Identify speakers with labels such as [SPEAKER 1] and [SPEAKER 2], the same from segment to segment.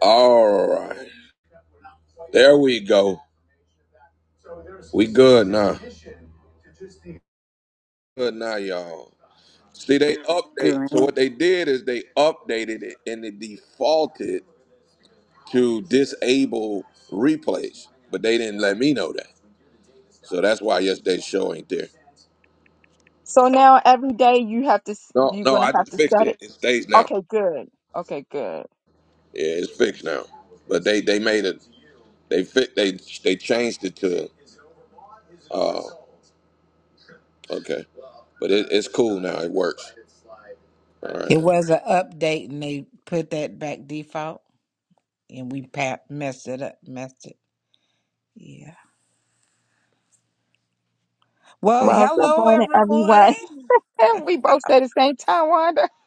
[SPEAKER 1] All right. There we go. We good now. Good now, y'all. See, they update. So
[SPEAKER 2] Grant.
[SPEAKER 1] what they did is they updated it and it defaulted to disable replays, but they didn't let me know that. So that's why yesterday's show ain't there.
[SPEAKER 3] So now every day you have to, s-
[SPEAKER 1] No,
[SPEAKER 3] you're
[SPEAKER 1] no,
[SPEAKER 3] going to
[SPEAKER 1] I
[SPEAKER 3] have
[SPEAKER 1] just
[SPEAKER 3] to
[SPEAKER 1] fixed
[SPEAKER 3] set it.
[SPEAKER 1] it. It stays now.
[SPEAKER 3] Okay, good. Okay, good.
[SPEAKER 1] Yeah, it's fixed now. But they they made it. They fit. They they changed it to. Uh, okay. But it, it's cool now. It works. All right.
[SPEAKER 4] It was an update and they put that back default and we pa- messed it up, messed it. Yeah. Well,
[SPEAKER 3] Well, good
[SPEAKER 4] hello
[SPEAKER 3] morning,
[SPEAKER 4] everybody.
[SPEAKER 3] everyone. we both said the same time, Wanda.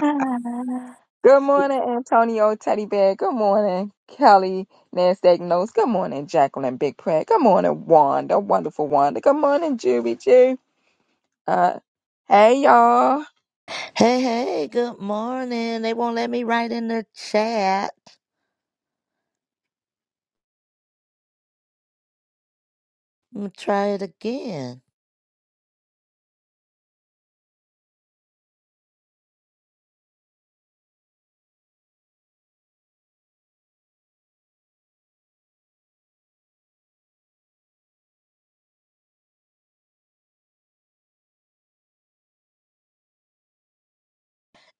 [SPEAKER 3] Ah. Good morning, Antonio Teddy Bear. Good morning, Kelly Nasdaq Notes. Good morning, Jacqueline Big Prayer. Good morning, Wanda. Wonderful Wanda. Good morning, Juby Jew. Uh, hey, y'all.
[SPEAKER 5] Hey, hey, good morning. They won't let me write in the chat. I'm gonna try it again.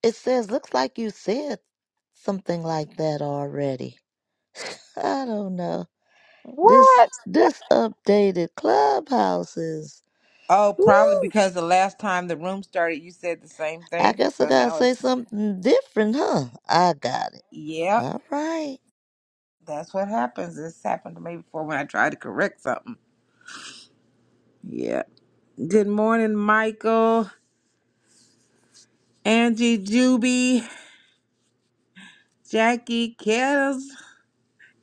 [SPEAKER 5] It says, looks like you said something like that already. I don't know. This
[SPEAKER 3] What?
[SPEAKER 5] this updated clubhouse is
[SPEAKER 4] Oh, probably
[SPEAKER 5] woo.
[SPEAKER 4] because the last time the room started, you said the same
[SPEAKER 5] I
[SPEAKER 4] thing.
[SPEAKER 5] guess I
[SPEAKER 4] So
[SPEAKER 5] gotta
[SPEAKER 4] now
[SPEAKER 5] say
[SPEAKER 4] it's,
[SPEAKER 5] something different, huh? I got it.
[SPEAKER 4] yep,
[SPEAKER 5] All right.
[SPEAKER 4] that's what happens. This happened to me before when I tried to correct something. Yeah. Good morning, Michael, Angie, Juby, Jackie, Kettles,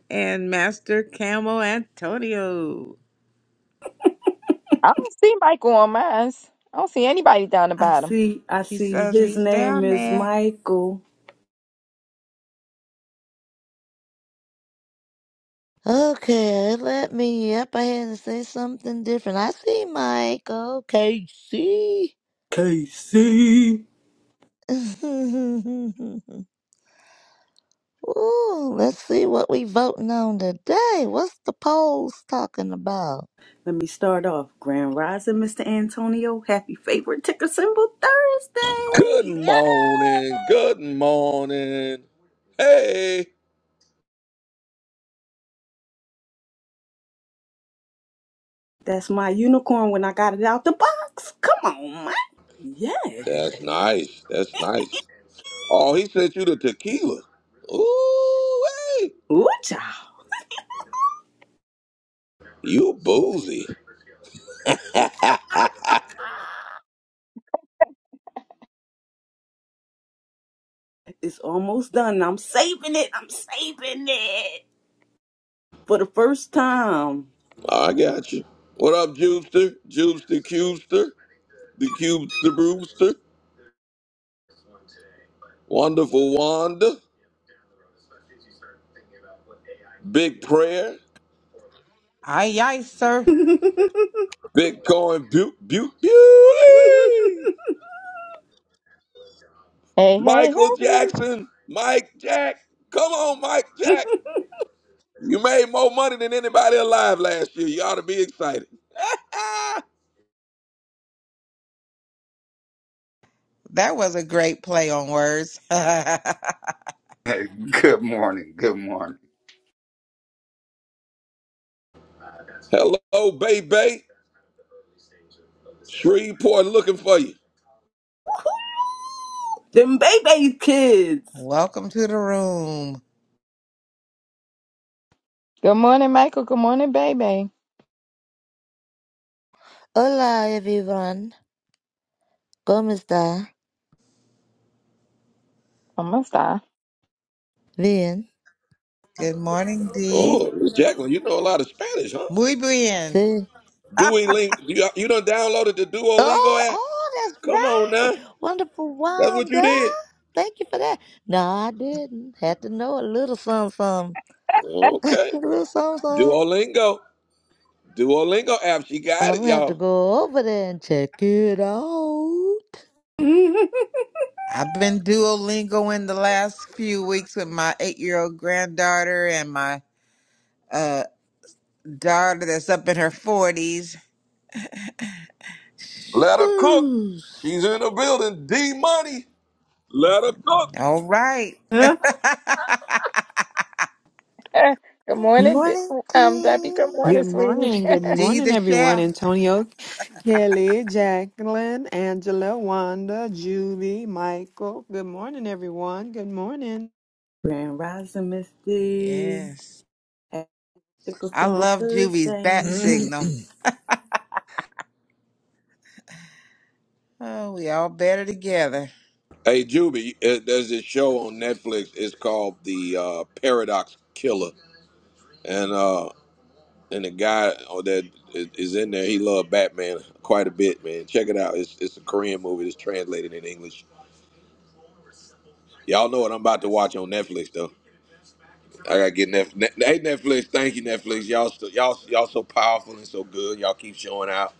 [SPEAKER 4] and Master Camel Antonio.
[SPEAKER 3] I don't see Michael on mine. I don't see anybody down the
[SPEAKER 2] I
[SPEAKER 3] bottom.
[SPEAKER 2] see, I
[SPEAKER 4] He
[SPEAKER 2] see.
[SPEAKER 4] says
[SPEAKER 2] His
[SPEAKER 4] he's
[SPEAKER 2] name
[SPEAKER 4] down
[SPEAKER 2] is
[SPEAKER 4] there.
[SPEAKER 2] Michael
[SPEAKER 5] Okay, let me up ahead and say something different. I see Mike. Okay, see.
[SPEAKER 2] Casey.
[SPEAKER 5] Ooh, let's see what we voting on today. What's the polls talking about?
[SPEAKER 2] Let me start off. Grand Rising, Mr. Antonio. Happy favorite ticker symbol
[SPEAKER 1] Good
[SPEAKER 2] Thursday. Yeah.
[SPEAKER 1] morning. Good morning. Hey.
[SPEAKER 2] That's my unicorn when I got it out the box. Come on, man. Yeah.
[SPEAKER 1] That's nice. That's nice. Oh, he sent you the tequila. Ooh, hey.
[SPEAKER 2] Ooh, child.
[SPEAKER 1] You boozy.
[SPEAKER 2] It's almost done. I'm saving it. I'm saving it. For the first time.
[SPEAKER 1] I got you. What up, Jubster? Jubster Cubester? The Cubester Brewster? Wonderful Wanda? Big Prayer?
[SPEAKER 4] Aye, aye, sir.
[SPEAKER 1] Bitcoin Butte? Butte? Beauty?
[SPEAKER 3] Hey, hey,
[SPEAKER 1] Michael
[SPEAKER 3] hey.
[SPEAKER 1] Jackson? Mike Jack? Come on, Mike Jack. You made more money than anybody alive last year. You ought to be excited.
[SPEAKER 4] That was a great play on words.
[SPEAKER 6] Hey, good morning. Good morning.
[SPEAKER 1] Hello, baby. Shreveport looking for you.
[SPEAKER 2] Them baby kids.
[SPEAKER 4] Welcome to the room.
[SPEAKER 3] Good morning, Michael. Good morning, baby.
[SPEAKER 5] Hola, everyone. ¿Cómo está?
[SPEAKER 3] Almost there.
[SPEAKER 5] Bien.
[SPEAKER 4] Good morning, Dee.
[SPEAKER 1] Oh, Miss Jacqueline, you know a lot of Spanish, huh?
[SPEAKER 4] Muy bien.
[SPEAKER 5] Sí.
[SPEAKER 1] Duolingo. You, you done downloaded the Duolingo
[SPEAKER 5] Oh,
[SPEAKER 1] app?
[SPEAKER 5] oh, that's
[SPEAKER 1] Come on
[SPEAKER 5] right.
[SPEAKER 1] now.
[SPEAKER 5] Wonderful
[SPEAKER 1] That's what you
[SPEAKER 5] Wanda.
[SPEAKER 1] did.
[SPEAKER 5] Thank you for that. No, I didn't. Had to know a little something, something.
[SPEAKER 1] Okay.
[SPEAKER 5] A little something, something.
[SPEAKER 1] Duolingo. Duolingo app. She got
[SPEAKER 5] I'm
[SPEAKER 1] it,
[SPEAKER 5] going to have to
[SPEAKER 1] y'all.
[SPEAKER 5] go over there and check it out.
[SPEAKER 4] I've been duolingoing the last few weeks with my eight-year-old granddaughter and my uh, daughter that's up in her 40s.
[SPEAKER 1] Let her cook.
[SPEAKER 4] Whew.
[SPEAKER 1] She's in the building. D Money. Let her cook.
[SPEAKER 4] All right.
[SPEAKER 3] Eh, Good morning, Di-
[SPEAKER 5] Morning,
[SPEAKER 3] um, Debbie. Good
[SPEAKER 5] King.
[SPEAKER 3] morning,
[SPEAKER 7] Good
[SPEAKER 3] sweetie.
[SPEAKER 7] morning. Good
[SPEAKER 4] Dee
[SPEAKER 7] morning,
[SPEAKER 4] the
[SPEAKER 7] everyone.
[SPEAKER 4] chef.
[SPEAKER 7] Antonio, Kelly, Jacqueline, Angela, Wanda, Julie, Michael. Good morning, everyone. Good morning.
[SPEAKER 2] Grand Rising Misty.
[SPEAKER 4] Yes.
[SPEAKER 2] Happy Pickle
[SPEAKER 4] I
[SPEAKER 2] Symbol
[SPEAKER 4] love Juvie's bat
[SPEAKER 2] Thursday.
[SPEAKER 4] signal. Oh, we all better together.
[SPEAKER 1] Hey, Juby, uh, there's this show on Netflix. It's called The uh, Paradox Killer, and uh, and the guy uh, that is in there, he loved Batman quite a bit, man. Check it out. It's it's a Korean movie. It's translated in English. Y'all know what I'm about to watch on Netflix, though. I gotta get Netflix. Hey, Netflix, thank you, Netflix. Y'all, still, y'all, y'all so powerful and so good. Y'all keep showing out.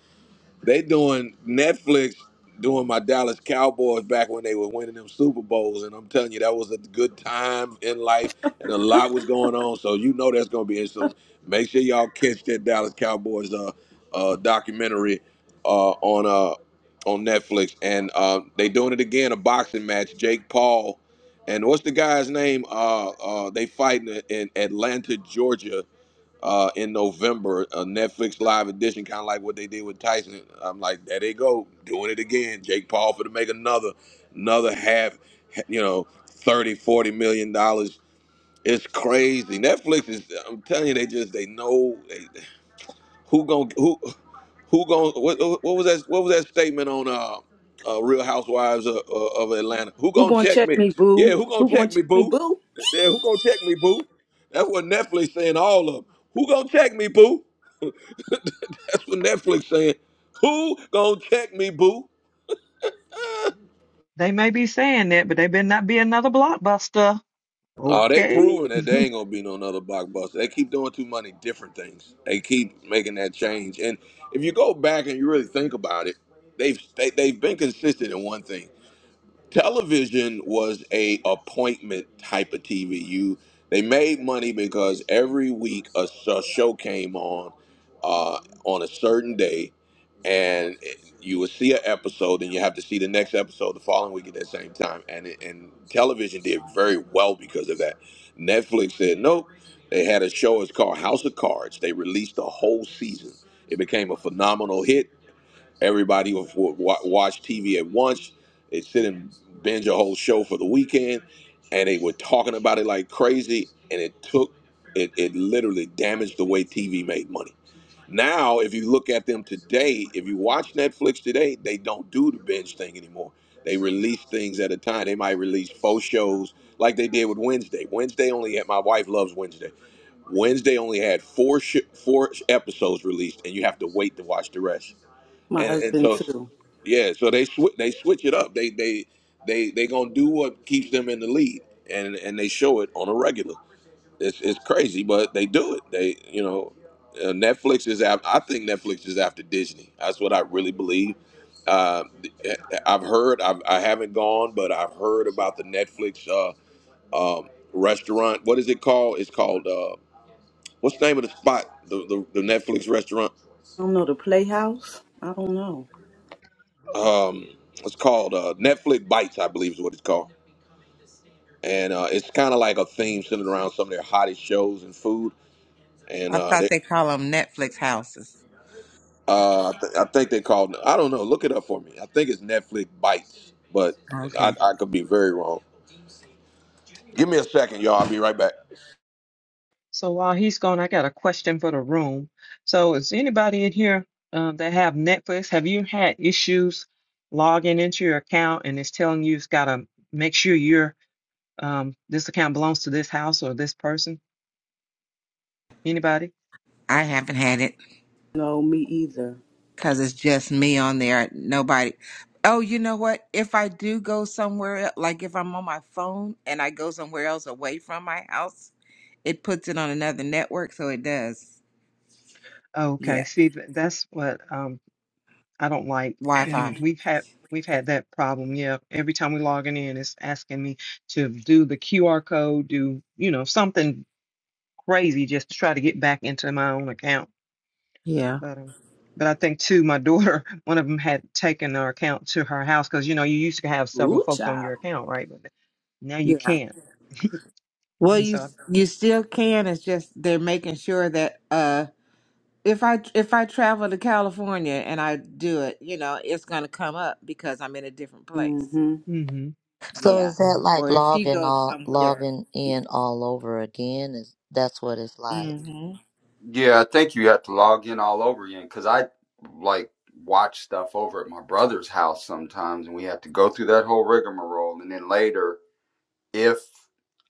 [SPEAKER 1] They doing Netflix doing my Dallas Cowboys back when they were winning them Super Bowls, and I'm telling you that was a good time in life, and a lot was going on. So you know that's gonna be it. So make sure y'all catch that Dallas Cowboys uh, uh documentary uh on uh on Netflix, and uh, they doing it again a boxing match. Jake Paul and what's the guy's name? Uh, uh they fighting in Atlanta, Georgia uh, in November, a Netflix live edition, kind of like what they did with Tyson. I'm like, there they go, doing it again. Jake Paul for to make another, another half, you know, thirty, forty million dollars. It's crazy. Netflix is. I'm telling you, they just they know they, who gon' who who gon' what, what was that what was that statement on uh, uh Real Housewives of, uh, of Atlanta? Who
[SPEAKER 2] Who
[SPEAKER 1] gonna
[SPEAKER 2] gonna
[SPEAKER 1] check
[SPEAKER 2] check
[SPEAKER 1] me?
[SPEAKER 2] me,
[SPEAKER 1] Yeah,
[SPEAKER 2] boo?
[SPEAKER 1] who gonna
[SPEAKER 2] Who
[SPEAKER 1] check
[SPEAKER 2] gonna
[SPEAKER 1] me,
[SPEAKER 2] check me,
[SPEAKER 1] boo?
[SPEAKER 2] boo?
[SPEAKER 1] Yeah, who gonna check me, boo? That's what Netflix saying. All of them. Who gonna check me, boo? That's what Netflix saying. Who gonna check me, boo?
[SPEAKER 7] They may be saying that, but they better not be another blockbuster.
[SPEAKER 1] Oh, they
[SPEAKER 7] Okay.
[SPEAKER 1] proving that they ain't gonna be no another blockbuster. They keep doing too many different things. They keep making that change. And if you go back and you really think about it, they've they, they've been consistent in one thing. television was a appointment type of TV. You they made money because every week a, s- a show came on uh, on a certain day, and it- you would see an episode, and you have to see the next episode the following week at that same time. And it- and television did very well because of that. Netflix said nope. They had a show. It's called House of Cards. They released the whole season. It became a phenomenal hit Everybody would would wa- watch TV at once. They'd sit and binge a whole show for the weekend, and they were talking about it like crazy. And it took it, it literally damaged the way TV made money. Now, if you look at them today, if you watch Netflix today, they don't do the binge thing anymore. They release things at a time. They might release four shows like they did with Wednesday. Wednesday only had my wife loves Wednesday. Wednesday only had four sh- four episodes released, and you have to wait to watch the rest
[SPEAKER 2] My
[SPEAKER 1] and and
[SPEAKER 2] husband
[SPEAKER 1] so
[SPEAKER 2] too.
[SPEAKER 1] yeah, so they sw- they switch it up. They they they they gonna do what keeps them in the lead, and and they show it on a regular. It's it's crazy, but they do it. They you know, uh, Netflix is after. I think Netflix is after Disney. That's what I really believe. Uh, I've heard. I've, I haven't gone, but I've heard about the Netflix uh, um, restaurant. What is it called? It's called uh, what's the name of the spot? The the, the Netflix restaurant.
[SPEAKER 2] I don't know the playhouse. I don't know.
[SPEAKER 1] um it's called uh netflix bites i believe is what it's called and uh it's kind of like a theme centered around some of their hottest shows and food and
[SPEAKER 4] I
[SPEAKER 1] uh
[SPEAKER 4] thought
[SPEAKER 1] they
[SPEAKER 4] they call them Netflix houses.
[SPEAKER 1] uh i, th- I think they called i don't know look it up for me i think it's netflix bites but I,
[SPEAKER 4] Okay.
[SPEAKER 1] I could be very wrong give me a second y'all i'll be right back
[SPEAKER 7] so while he's gone, I got a question for the room. So is anybody in here um, that have Netflix? Have you had issues logging into your account and it's telling you it's got to make sure your um, this account belongs to this house or this person? Anybody?
[SPEAKER 4] I haven't had it
[SPEAKER 2] No, me either.
[SPEAKER 4] because it's just me on there. Nobody. Oh, you know what? If I do go somewhere, el- like if I'm on my phone and I go somewhere else away from my house, it puts it on another network. So it does.
[SPEAKER 7] Okay,
[SPEAKER 4] Yeah.
[SPEAKER 7] see, th- that's what um I don't like,
[SPEAKER 4] Wi
[SPEAKER 7] and
[SPEAKER 4] Fi.
[SPEAKER 7] we've had we've had that problem. Yeah, every time we logging in, it's asking me to do the QR code, do you know something crazy just to try to get back into my own account.
[SPEAKER 4] Yeah.
[SPEAKER 7] But um, but I think too, my daughter, one of them had taken her account to her house because you know you used to have several
[SPEAKER 2] Ooh,
[SPEAKER 7] folks on your
[SPEAKER 2] child.
[SPEAKER 7] account, right? But now you
[SPEAKER 4] Yeah.
[SPEAKER 7] can't.
[SPEAKER 4] Well,
[SPEAKER 7] And
[SPEAKER 4] you
[SPEAKER 7] so,
[SPEAKER 4] you still can. It's just they're making sure that uh, if I if I travel to California and I do it, you know, it's gonna come up because I'm in a different place.
[SPEAKER 2] Mm-hmm.
[SPEAKER 7] mm-hmm,
[SPEAKER 5] So
[SPEAKER 4] Yeah.
[SPEAKER 5] is that
[SPEAKER 7] mm-hmm,
[SPEAKER 5] like
[SPEAKER 4] Or if she
[SPEAKER 5] logging
[SPEAKER 4] goes
[SPEAKER 5] all
[SPEAKER 4] somewhere.
[SPEAKER 5] logging in all over again? Is that's what it's like?
[SPEAKER 4] hmm
[SPEAKER 6] Yeah, I think you have to log in all over again because I like watch stuff over at my brother's house sometimes, and we have to go through that whole rigmarole. And then later, if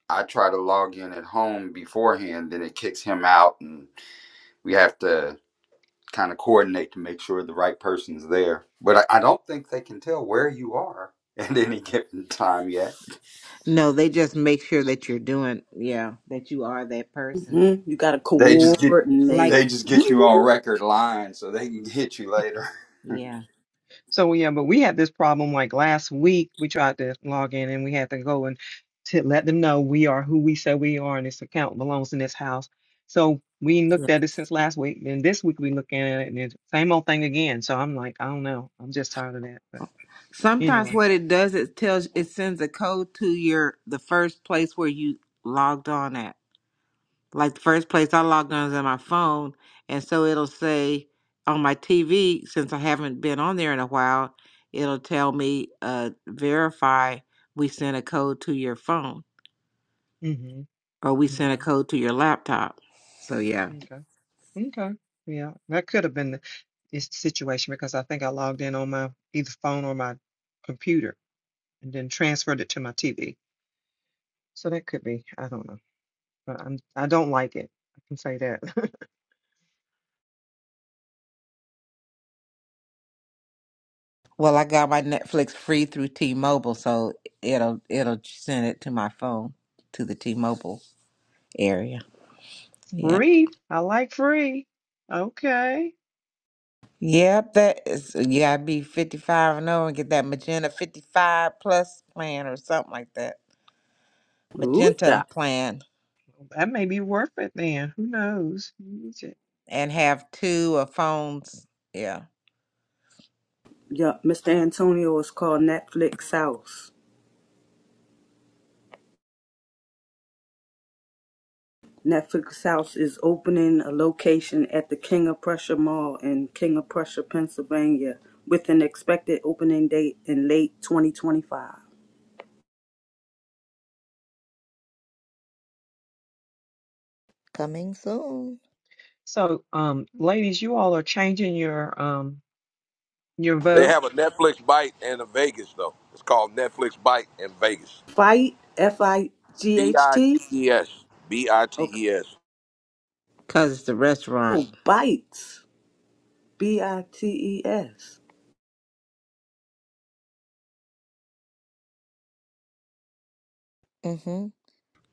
[SPEAKER 6] I try to log in at home beforehand, then it kicks him out, and we have to kind of coordinate to make sure the right person's there. But I, I don't think they can tell where you are at any given time yet.
[SPEAKER 4] No, they just make sure that you're doing, yeah, that you are that person.
[SPEAKER 2] Mm-hmm. You gotta
[SPEAKER 6] They just get
[SPEAKER 7] yeah.
[SPEAKER 4] Like,
[SPEAKER 6] they
[SPEAKER 2] coordinate.
[SPEAKER 6] just get you on record line so they can hit you later.
[SPEAKER 4] yeah.
[SPEAKER 7] So yeah, but we had this problem like last week. We tried to log in and we had to go and to let them know we are who we say we are and this account belongs in this house. So we ain't looked at it since last week. Then this week we looking at it and it's same old thing again. So I'm like, I don't know. I'm just tired of that. But
[SPEAKER 4] Sometimes
[SPEAKER 7] anyway.
[SPEAKER 4] what it does, it tells, it sends a code to your, the first place where you logged on at. Like the first place I logged on is on my phone. And so it'll say on my TV, since I haven't been on there in a while, it'll tell me, uh, verify we sent a code to your phone.
[SPEAKER 7] hmm
[SPEAKER 4] or we sent a
[SPEAKER 7] Okay.
[SPEAKER 4] code to your laptop. So yeah.
[SPEAKER 7] Okay. Okay. Yeah. That could have been the this situation because I think I logged in on my either phone or my computer and then transferred it to my TV. So that could be. I don't know. but I'm, I don't like it. I can say that.
[SPEAKER 4] Well, I got my Netflix free through T-Mobile, so it'll it'll send it to my phone to the T-Mobile area. Yeah.
[SPEAKER 7] Free. I like free. Okay.
[SPEAKER 4] Yep, that is you gotta be fifty five and over and get that magenta fifty five plus plan or something like that.
[SPEAKER 2] Ooh,
[SPEAKER 4] Magenta
[SPEAKER 2] child.
[SPEAKER 4] plan
[SPEAKER 7] That may be worth it then. Who knows? Use it.
[SPEAKER 4] and have two of phones. Yeah.
[SPEAKER 2] Yeah, Mr. Antonio is called Netflix House. Netflix House is opening a location at the King of Prussia Mall in King of Prussia, Pennsylvania, with an expected opening date in late 2025.
[SPEAKER 5] Coming soon.
[SPEAKER 7] So, um, ladies, you all are changing your um your
[SPEAKER 1] they
[SPEAKER 7] vote.
[SPEAKER 1] have a netflix bite and a vegas though it's called netflix bite in vegas
[SPEAKER 2] Fight, F I G H T.
[SPEAKER 1] b-i-t-e-s
[SPEAKER 2] Okay.
[SPEAKER 1] b-i-t-e-s
[SPEAKER 4] Cause it's a restaurant.
[SPEAKER 2] Oh, Bites, B I T E S.
[SPEAKER 5] Mhm.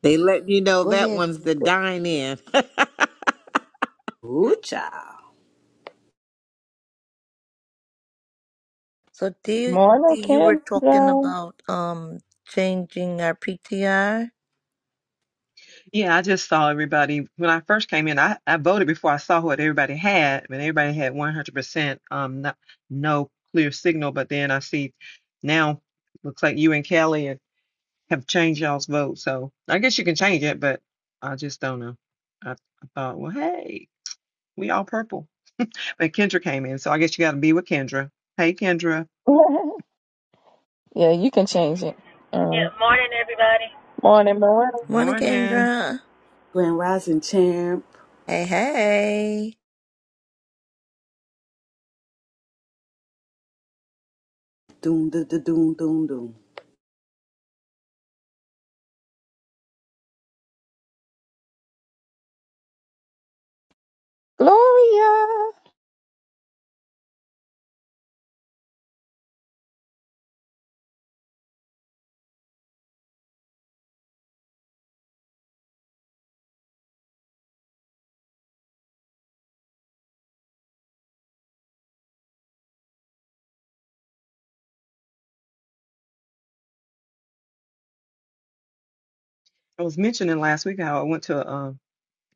[SPEAKER 4] They let you know
[SPEAKER 5] Go
[SPEAKER 4] that
[SPEAKER 5] ahead.
[SPEAKER 4] one's the dine in.
[SPEAKER 2] Ooh, child.
[SPEAKER 5] So do you, do
[SPEAKER 3] Morning,
[SPEAKER 5] you were talking
[SPEAKER 3] Kendra.
[SPEAKER 5] about um changing our PTR?
[SPEAKER 7] Yeah, I just saw everybody when I first came in. I, I voted before I saw what everybody had, and everybody had 100% um no, no clear signal. But then I see now looks like you and Kelly have changed y'all's vote. So I guess you can change it, but I just don't know. I, I thought, well, hey, we all purple. But Kendra came in, so I guess you got to be with Kendra. Hey, Kendra.
[SPEAKER 3] yeah, you can change it. Uh,
[SPEAKER 8] Yeah, morning, everybody.
[SPEAKER 3] morning, morning.
[SPEAKER 7] Good
[SPEAKER 5] Morning,
[SPEAKER 7] morning.
[SPEAKER 5] Kendra.
[SPEAKER 2] Grand Rising Champ.
[SPEAKER 5] Hey, hey.
[SPEAKER 2] Doom, doom, doom, doom, doom, doom.
[SPEAKER 3] Gloria.
[SPEAKER 7] I was mentioning last week how I went to a, um,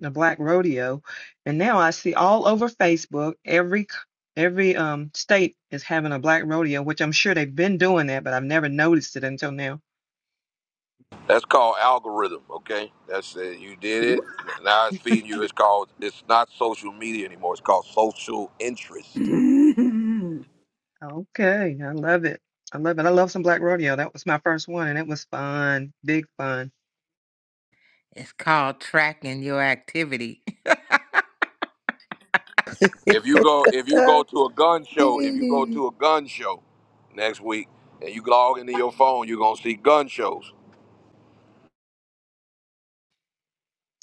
[SPEAKER 7] a black rodeo, and now I see all over Facebook every c- every um state is having a black rodeo, which I'm sure they've been doing that, but I've never noticed it until now.
[SPEAKER 1] That's called algorithm, okay? That's uh, you did it. Now it's feeding you. It's called. It's not social media anymore. It's called social interest.
[SPEAKER 7] Okay, I love it. I love it. I love some black rodeo. That was my first one, and it was fun, big fun.
[SPEAKER 4] it's called tracking your activity.
[SPEAKER 1] If you go, if you go to a gun show, if you go to a gun show next week, and you log into your phone, you're gonna see gun shows.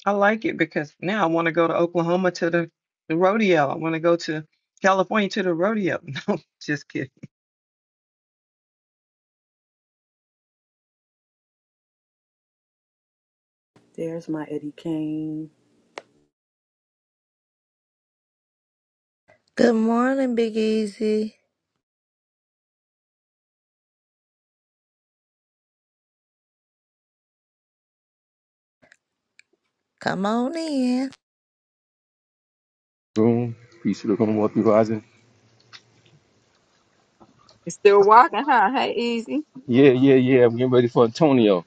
[SPEAKER 7] I like it because now I want to go to Oklahoma to the, the rodeo. I want to go to California to the rodeo. No, just kidding.
[SPEAKER 2] There's my Eddie Kane.
[SPEAKER 5] Good morning, Big Easy. Come on in.
[SPEAKER 9] Boom. Peace to the Golden Wealthy Rising.
[SPEAKER 3] You still walking, huh? Hey, easy.
[SPEAKER 9] Yeah, yeah, yeah. I'm getting ready for Antonio.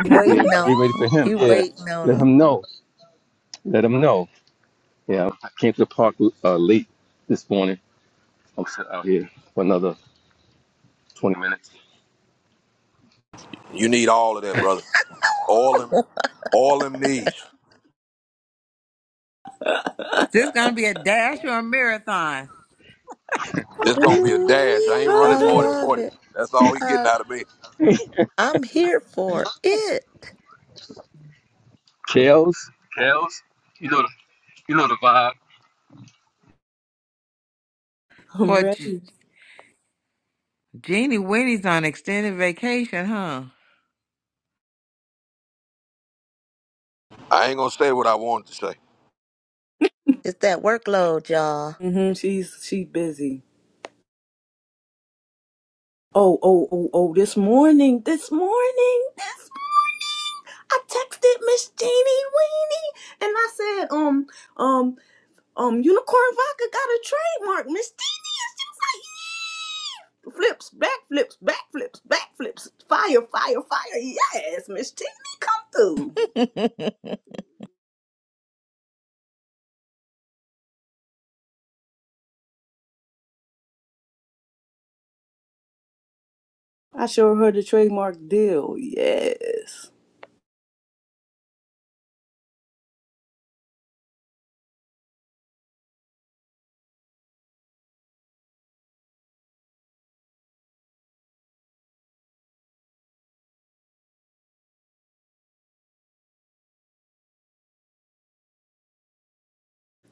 [SPEAKER 3] Uh-huh.
[SPEAKER 9] Yeah,
[SPEAKER 5] Waiting
[SPEAKER 9] get
[SPEAKER 5] on
[SPEAKER 9] ready for
[SPEAKER 5] 'em.
[SPEAKER 9] him.
[SPEAKER 5] You
[SPEAKER 9] Yeah.
[SPEAKER 5] waiting on
[SPEAKER 9] Let
[SPEAKER 5] 'em.
[SPEAKER 9] him know. Let him know. Yeah, I came to the park uh, late this morning. I'm sitting out here for another 20 minutes.
[SPEAKER 1] You need all of that, brother. All them, all them needs.
[SPEAKER 4] This is gonna be a dash or a marathon.
[SPEAKER 1] This gonna be a dash. I ain't
[SPEAKER 5] Ooh, I
[SPEAKER 1] running more than
[SPEAKER 2] I'm
[SPEAKER 5] love
[SPEAKER 1] forty. That's all he
[SPEAKER 5] it.
[SPEAKER 1] getting out of me.
[SPEAKER 5] I'm here for it.
[SPEAKER 9] Kels, Kels, you know the, you know the vibe.
[SPEAKER 4] But G-
[SPEAKER 2] ready.
[SPEAKER 4] Jeannie Winnie's on extended vacation, huh?
[SPEAKER 1] I ain't gonna say what I wanted to say.
[SPEAKER 5] It's that workload, y'all.
[SPEAKER 2] hmm She's she busy. Oh, oh, oh, oh, this morning, this morning, this I texted Miss Jeannie Weenie and I said, um, um, um, Unicorn Vodka got a trademark, Miss Jeannie. and She was like, yeah. flips, back flips, back flips, back flips, fire, fire, fire. Yes, Miss Jeannie, come through. I showed her the trademark deal. Yes.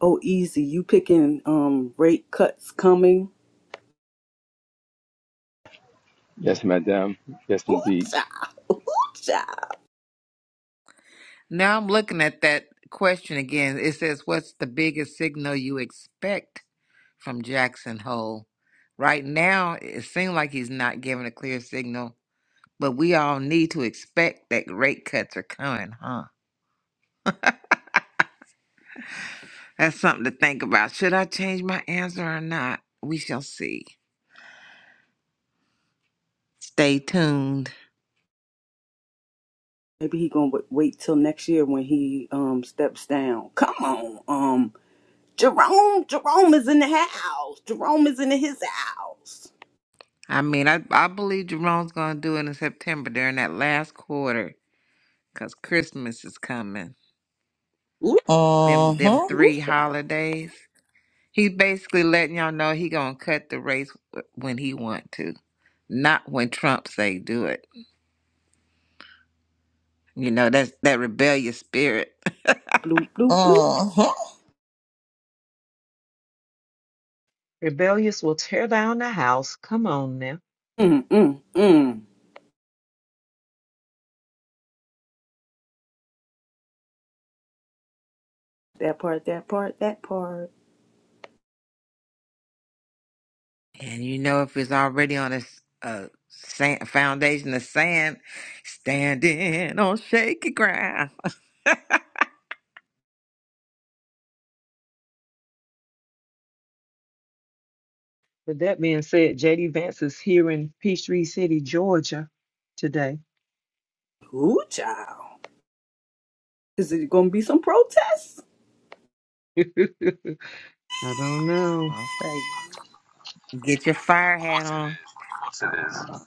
[SPEAKER 2] Oh, easy. You picking um rate cuts coming.
[SPEAKER 9] Yes, madam. Yes, indeed.
[SPEAKER 2] Ooh-cha, ooh cha.
[SPEAKER 4] Now I'm looking at that question again. It says, "What's the biggest signal you expect from Jackson Hole?" Right now, it seems like he's not giving a clear signal, but we all need to expect that rate cuts are coming, huh? That's something to think about. Should I change my answer or not? We shall see. Stay tuned.
[SPEAKER 2] Maybe he gonna wa- wait till next year when he um steps down. Come on, um, Jerome. Jerome is in the house. Jerome is in his house.
[SPEAKER 4] I mean, I, I believe Jerome's going to do it in September during that last quarter because Christmas is coming.
[SPEAKER 2] Ooh,
[SPEAKER 4] Them them
[SPEAKER 5] Uh-huh.
[SPEAKER 2] ooh,
[SPEAKER 4] three
[SPEAKER 2] child.
[SPEAKER 4] holidays. He's basically letting y'all know he going to cut the race w- when he want to, not when Trump say do it. You know, that's that rebellious spirit.
[SPEAKER 2] Bloop, bloop, bloop.
[SPEAKER 5] Uh-huh.
[SPEAKER 7] Rebellious will tear down the house. Come on now.
[SPEAKER 2] Mm, mm, mm. That part, that part, that part.
[SPEAKER 4] And you know, if it's already on a, s- a sand, foundation of sand, standing on shaky ground.
[SPEAKER 7] With that being said, JD Vance is here in Peachtree City, Georgia today.
[SPEAKER 2] Ooh, child. Is it gonna be some protests?
[SPEAKER 7] I don't know.
[SPEAKER 4] I'll say, get your fire
[SPEAKER 9] Of
[SPEAKER 4] hat
[SPEAKER 9] course it
[SPEAKER 4] on.
[SPEAKER 9] is. Of course it is.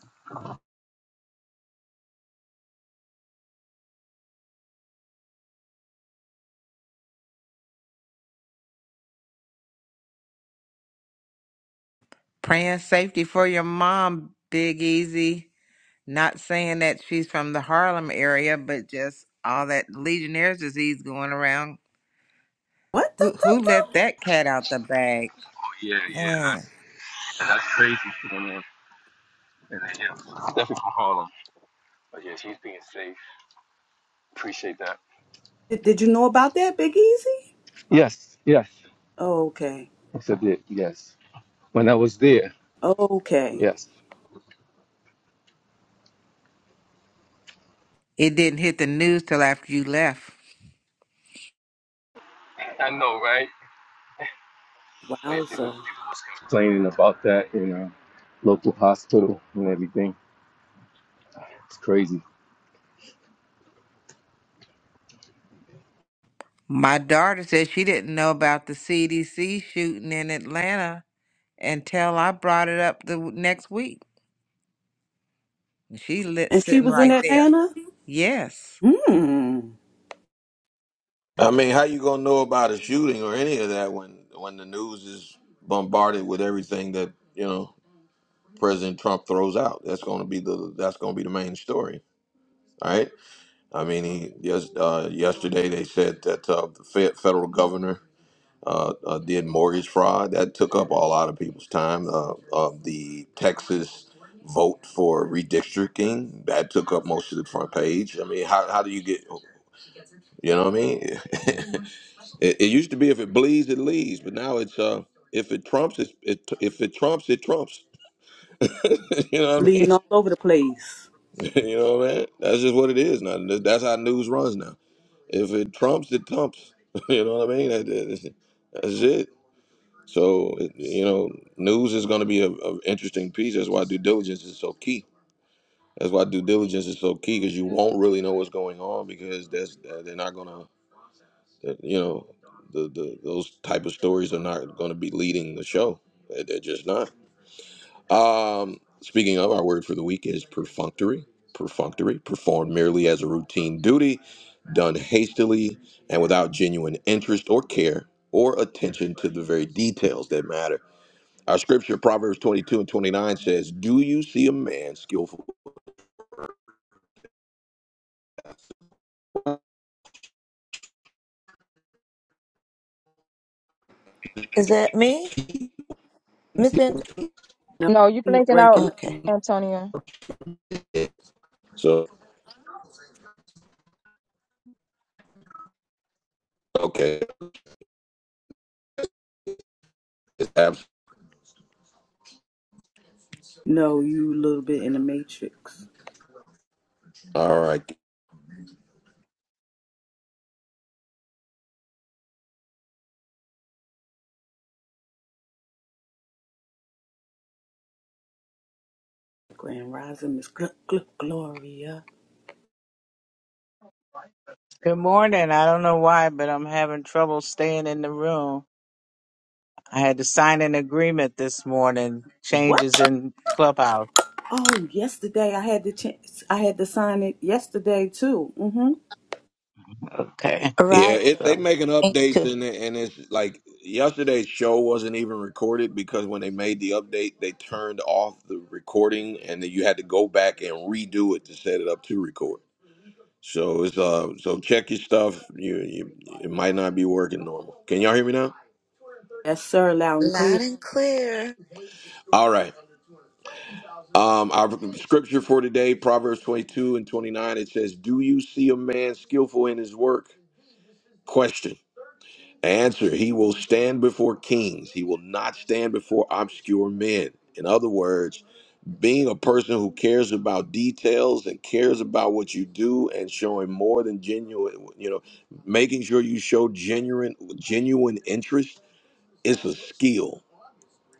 [SPEAKER 4] Praying safety for your mom, Big Easy. Not saying that she's from the Harlem area, but just all that Legionnaire's disease going around.
[SPEAKER 2] What
[SPEAKER 4] Who
[SPEAKER 2] the,
[SPEAKER 4] who
[SPEAKER 2] the,
[SPEAKER 4] let
[SPEAKER 2] the?
[SPEAKER 4] that cat out the bag?
[SPEAKER 9] Oh, yeah,
[SPEAKER 4] Man.
[SPEAKER 9] yeah. And that's crazy. You know, man. And then, yeah, definitely from Harlem. But yeah, she's being safe. Appreciate that.
[SPEAKER 2] Did, did you know about that, Big Easy?
[SPEAKER 9] Yes, yes.
[SPEAKER 2] Okay,
[SPEAKER 9] Yes, I did. Yes. When I was there.
[SPEAKER 2] okay.
[SPEAKER 9] Yes.
[SPEAKER 4] It didn't hit the news till after you left.
[SPEAKER 9] I know, right? Like, people, people
[SPEAKER 2] Wowza.
[SPEAKER 9] was Complaining about that in a local hospital and everything. It's crazy.
[SPEAKER 4] My daughter said she didn't know about the CDC shooting in Atlanta until I brought it up the w- next week. She lit
[SPEAKER 2] And she
[SPEAKER 4] sitting
[SPEAKER 2] was in
[SPEAKER 4] right there.
[SPEAKER 2] Atlanta.
[SPEAKER 4] Yes.
[SPEAKER 2] Hmm.
[SPEAKER 1] I mean, how you gonna know about a shooting or any of that when when the news is bombarded with everything that you know President Trump throws out? That's gonna be the that's gonna be the main story, right? I mean, he yes, uh, yesterday they said that uh, the fe- federal governor uh, uh, did mortgage fraud. That took up a lot of people's time. Uh, uh, the Texas vote for redistricting that took up most of the front page. I mean, how how do you get you know what I mean? It, it used to be if it bleeds, it leads, but now it's uh, if it trumps, it, it if it trumps, it trumps. you know what I
[SPEAKER 2] Bleeding
[SPEAKER 1] mean?
[SPEAKER 2] all over the place.
[SPEAKER 1] you know what I mean? That's just what it is now. Th- That's how news runs now. If it trumps, it trumps. you know what I mean? That- that- That's, it. that's it. So it, you know, news is going to be a, a interesting piece. That's why due diligence is so key. That's why due diligence is so key because you won't really know what's going on because that's they're not gonna. That, you know, the, the those type of stories are not going to be leading the show. They- They're just not. Um, speaking of, our word for the week is perfunctory. Perfunctory, performed merely as a routine duty, done hastily and without genuine interest or care or attention to the very details that matter. Our scripture, Proverbs 22 and 29, says, Do you see a man skillful?
[SPEAKER 5] Is that me? Miss Van
[SPEAKER 2] No,
[SPEAKER 3] No, you
[SPEAKER 2] he's
[SPEAKER 3] blinking out,
[SPEAKER 2] breaking up.
[SPEAKER 5] Okay.
[SPEAKER 3] Antonio.
[SPEAKER 1] So, okay, it's abs-
[SPEAKER 2] No, you a little bit in the matrix.
[SPEAKER 1] all right.
[SPEAKER 2] Grand Rising Miss Gl- Gl- Gloria.
[SPEAKER 10] Good morning. I don't know why, but I'm having trouble staying in the room. I had to sign an agreement this morning,
[SPEAKER 2] What?
[SPEAKER 10] changes in Clubhouse.
[SPEAKER 2] Oh, yesterday I had the chance. I had to sign it yesterday too. Mm-hmm.
[SPEAKER 10] Okay.
[SPEAKER 5] All
[SPEAKER 1] Yeah,
[SPEAKER 5] right. Yeah,
[SPEAKER 1] it, they
[SPEAKER 10] So.
[SPEAKER 1] making
[SPEAKER 5] me
[SPEAKER 1] updates
[SPEAKER 5] too.
[SPEAKER 1] and it- and it's like yesterday's show wasn't even recorded because when they made the update, they turned off the recording and then you had to go back and redo it to set it up to record. So it's uh so check your stuff. You, you it might not be working normal. Can y'all hear me now?
[SPEAKER 2] Yes, sir. Loud and clear.
[SPEAKER 5] Loud and clear.
[SPEAKER 1] All right. Um, our scripture for today, Proverbs twenty two and twenty nine. It says, "Do you see a man skillful in his work?" Question. Answer, he will stand before kings. He will not stand before obscure men. In other words, being a person who cares about details and cares about what you do and showing more than genuine, you know, making sure you show genuine genuine interest is a skill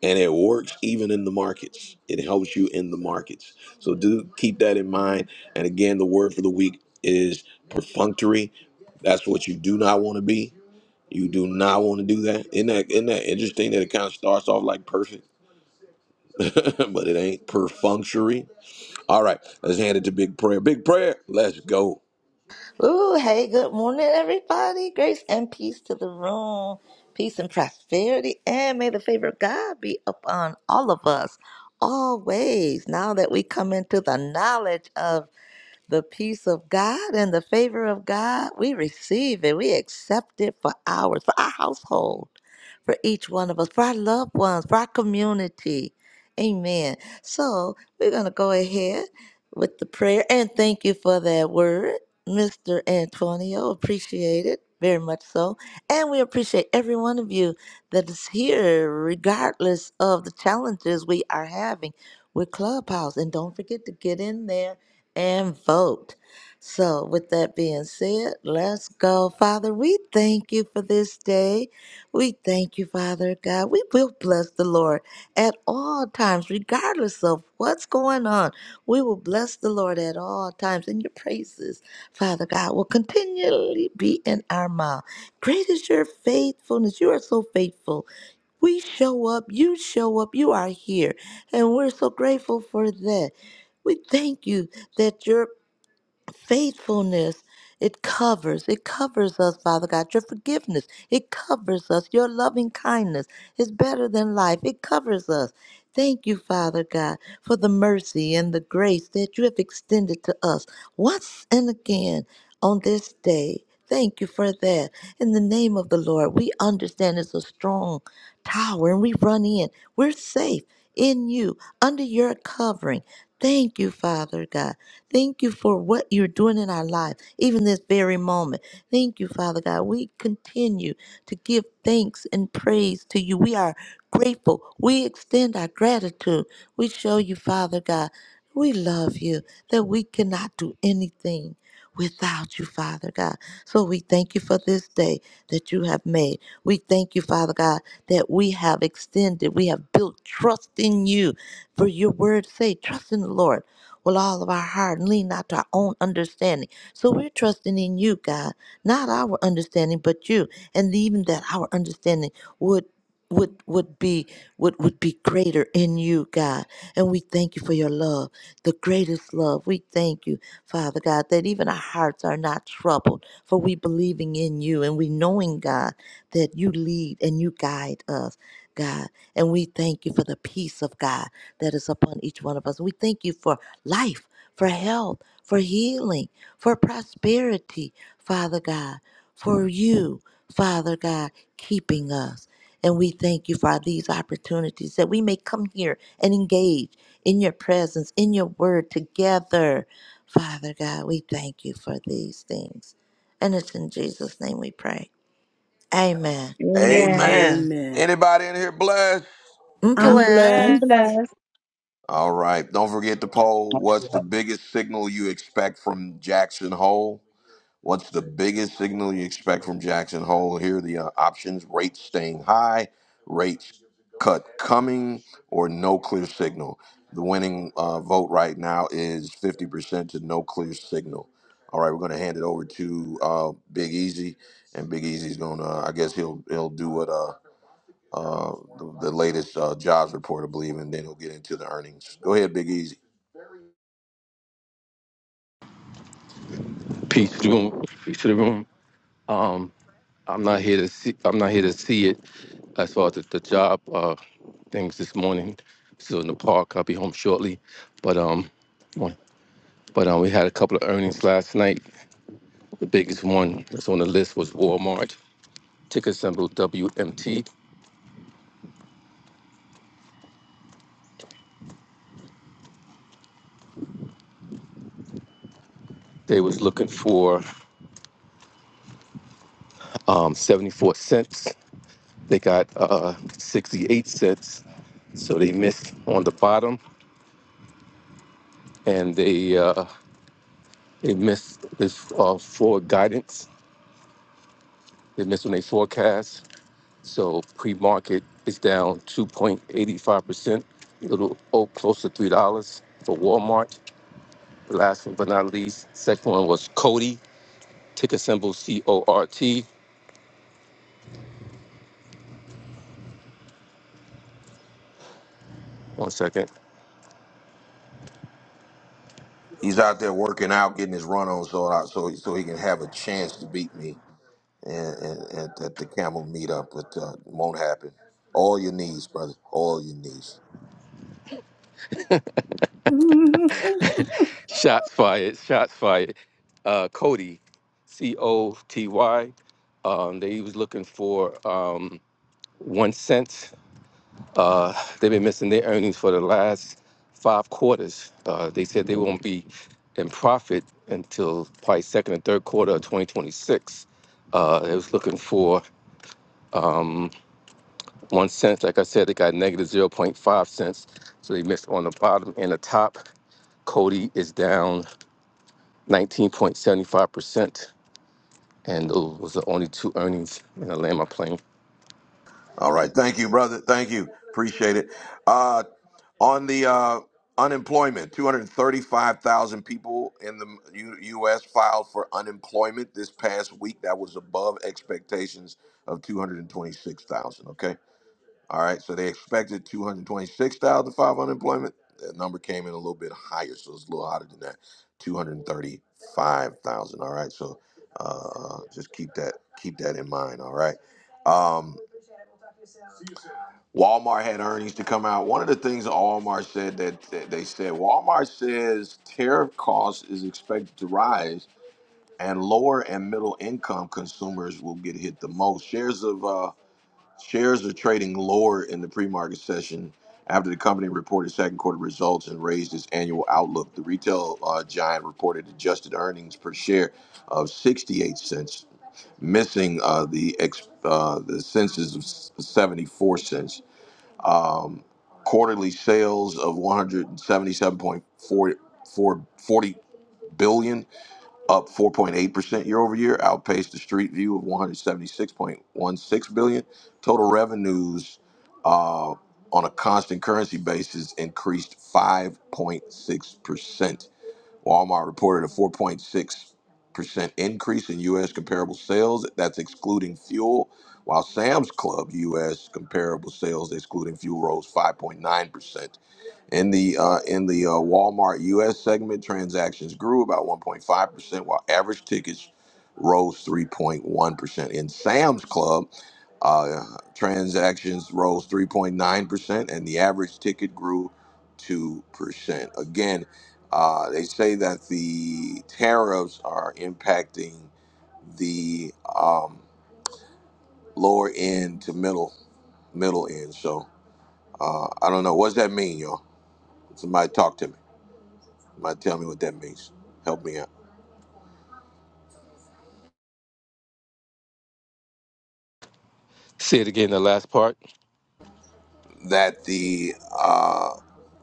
[SPEAKER 1] and it works even in the markets. It helps you in the markets. So do keep that in mind. And again, the word for the week is perfunctory. That's what you do not want to be. You do not want to do that. Isn't that, isn't that interesting that it kind of starts off like perfect, but it ain't perfunctory? All right, let's hand it to Big Prayer. Big Prayer, let's go.
[SPEAKER 5] Ooh, hey, good morning, everybody. Grace and peace to the room. Peace and prosperity. And may the favor of God be upon all of us always. Now that we come into the knowledge of the peace of God and the favor of God. We receive it. We accept it for ours, for our household, for each one of us, for our loved ones, for our community. Amen. So we're going to go ahead with the prayer and thank you for that word, Mr. Antonio. Appreciate it very much so. And we appreciate every one of you that is here, regardless of the challenges we are having with Clubhouse. And don't forget to get in there and vote. So, with that being said, let's go. Father, we thank you for this day. We thank you, Father God. We will bless the Lord at all times, regardless of what's going on. We will bless the Lord at all times, and your praises, Father God, will continually be in our mouth. Great is your faithfulness. You are so faithful. We show up, you show up, you are here, and we're so grateful for that. We thank you that your faithfulness it covers it covers us father god your forgiveness it covers us your loving kindness is better than life it covers us thank you father god for the mercy and the grace that you have extended to us once and again on this day thank you for that in the name of the lord we understand it's a strong tower and we run in we're safe in you under your covering thank you father god Thank you for what you're doing in our life, even this very moment. Thank you, Father God. We continue to give thanks and praise to you. We are grateful. We extend our gratitude. We show you, Father God, we love you, that we cannot do anything without you, Father God. So we thank you for this day that you have made. We thank you, Father God, that we have extended, we have built trust in you for your word's sake. Trust in the Lord with all of our heart and lean not to our own understanding. So we're trusting in you, God, not our understanding, but you. And even that our understanding would would would be would would be greater in you god and we thank you for your love the greatest love we thank you father god that even our hearts are not troubled for we believing in you and we knowing god that you lead and you guide us god and we thank you for the peace of god that is upon each one of us we thank you for life, for health, for healing, for prosperity, Father God, for you, Father God, keeping us. And we thank you for these opportunities that we may come here and engage in your presence, in your word together. Father God, we thank you for these things. And it's in Jesus' name we pray. Amen.
[SPEAKER 3] Amen.
[SPEAKER 1] Amen.
[SPEAKER 7] Amen.
[SPEAKER 2] Amen.
[SPEAKER 1] Anybody in here blessed?
[SPEAKER 2] I'm
[SPEAKER 7] I'm
[SPEAKER 3] I'm
[SPEAKER 2] blessed.
[SPEAKER 5] Blessed.
[SPEAKER 7] blessed.
[SPEAKER 3] blessed.
[SPEAKER 1] All right, don't forget the poll. What's the biggest signal you expect from Jackson Hole? What's the biggest signal you expect from Jackson Hole? Here are the uh, options rates staying high, rates cut coming, or no clear signal. The winning uh, vote right now is 50% to no clear signal. All right, we're going to hand it over to uh, Big Easy, and Big Easy's going to, I guess he'll he'll do what uh, uh, the, the latest uh, jobs report, I believe, and then he'll get into the earnings. Go ahead, Big Easy.
[SPEAKER 9] Peace to the room. Peace to the room. Um, I'm not here to see. I'm not here to see it. As far as the, the job uh, things this morning, still in the park. I'll be home shortly. But um, one- but um, we had a couple of earnings last night. The biggest one that's on the list was Walmart. Ticker symbol WMT. They was looking for um, 74 cents. They got uh, 68 cents. So they missed on the bottom and they uh, they missed this uh, forward guidance. They missed on their forecast. So pre market is down 2.85%, a little oh, close to $3 for Walmart. Last but not least, second one was Cody, ticker symbol C O R T. One second.
[SPEAKER 1] He's out there working out, getting his run on, so I, so so he can have a chance to beat me and, and, and at the camel meetup, but uh, it won't happen. All your needs, brother. All your needs.
[SPEAKER 2] oh,
[SPEAKER 9] Shots fired. Shots fired. Uh, Cody, C O T Y. Um, they was looking for um, one cent. Uh, they've been missing their earnings for the last five quarters. Uh, they said they won't be in profit until probably second and third quarter of 2026. Uh, they was looking for one cent. Like I said, they got negative zero point 0.5 cents. So they missed on the bottom and the top. Cody is down 19.75%. and those was the only two earnings And I land my plane.
[SPEAKER 1] All right. Thank you, brother. Thank you. Appreciate it. Uh, on the uh, unemployment, 235,000 people in the U- U.S. filed for unemployment this past week. That was above expectations of 226,000. Okay. All right, so they expected two hundred twenty-six thousand five unemployment. That number came in a little bit higher, so it's a little hotter than that, 235,000. All right, so uh, just keep that keep that in mind. All right, um, Walmart had earnings to come out. One of the things Walmart said that, that they said Walmart says tariff cost is expected to rise, and lower and middle income consumers will get hit the most. Shares of uh, Shares are trading lower in the pre-market session after the company reported second quarter results and raised its annual outlook. The retail uh, giant reported adjusted earnings per share of 68 cents, missing uh, the ex- uh, the census of s- 74 cents. Um, quarterly sales of 177.4 billion up 4.8% year over year, outpaced the street view of 176.16 billion. Total revenues uh, on a constant currency basis increased 5.6%. Walmart reported a 4.6% increase in U.S. comparable sales, that's excluding fuel, while Sam's Club U.S. comparable sales, excluding fuel, rose 5.9%. In the uh, in the uh, Walmart U.S. segment, transactions grew about 1.5 percent, while average tickets rose 3.1 percent. In Sam's Club, uh, transactions rose 3.9 percent, and the average ticket grew 2 percent. Again, uh, they say that the tariffs are impacting the um, lower end to middle middle end. So uh, I don't know. What does that mean, y'all? Somebody talk to me. Might tell me what that means. Help me out.
[SPEAKER 9] Say it again, the last part.
[SPEAKER 1] That the uh,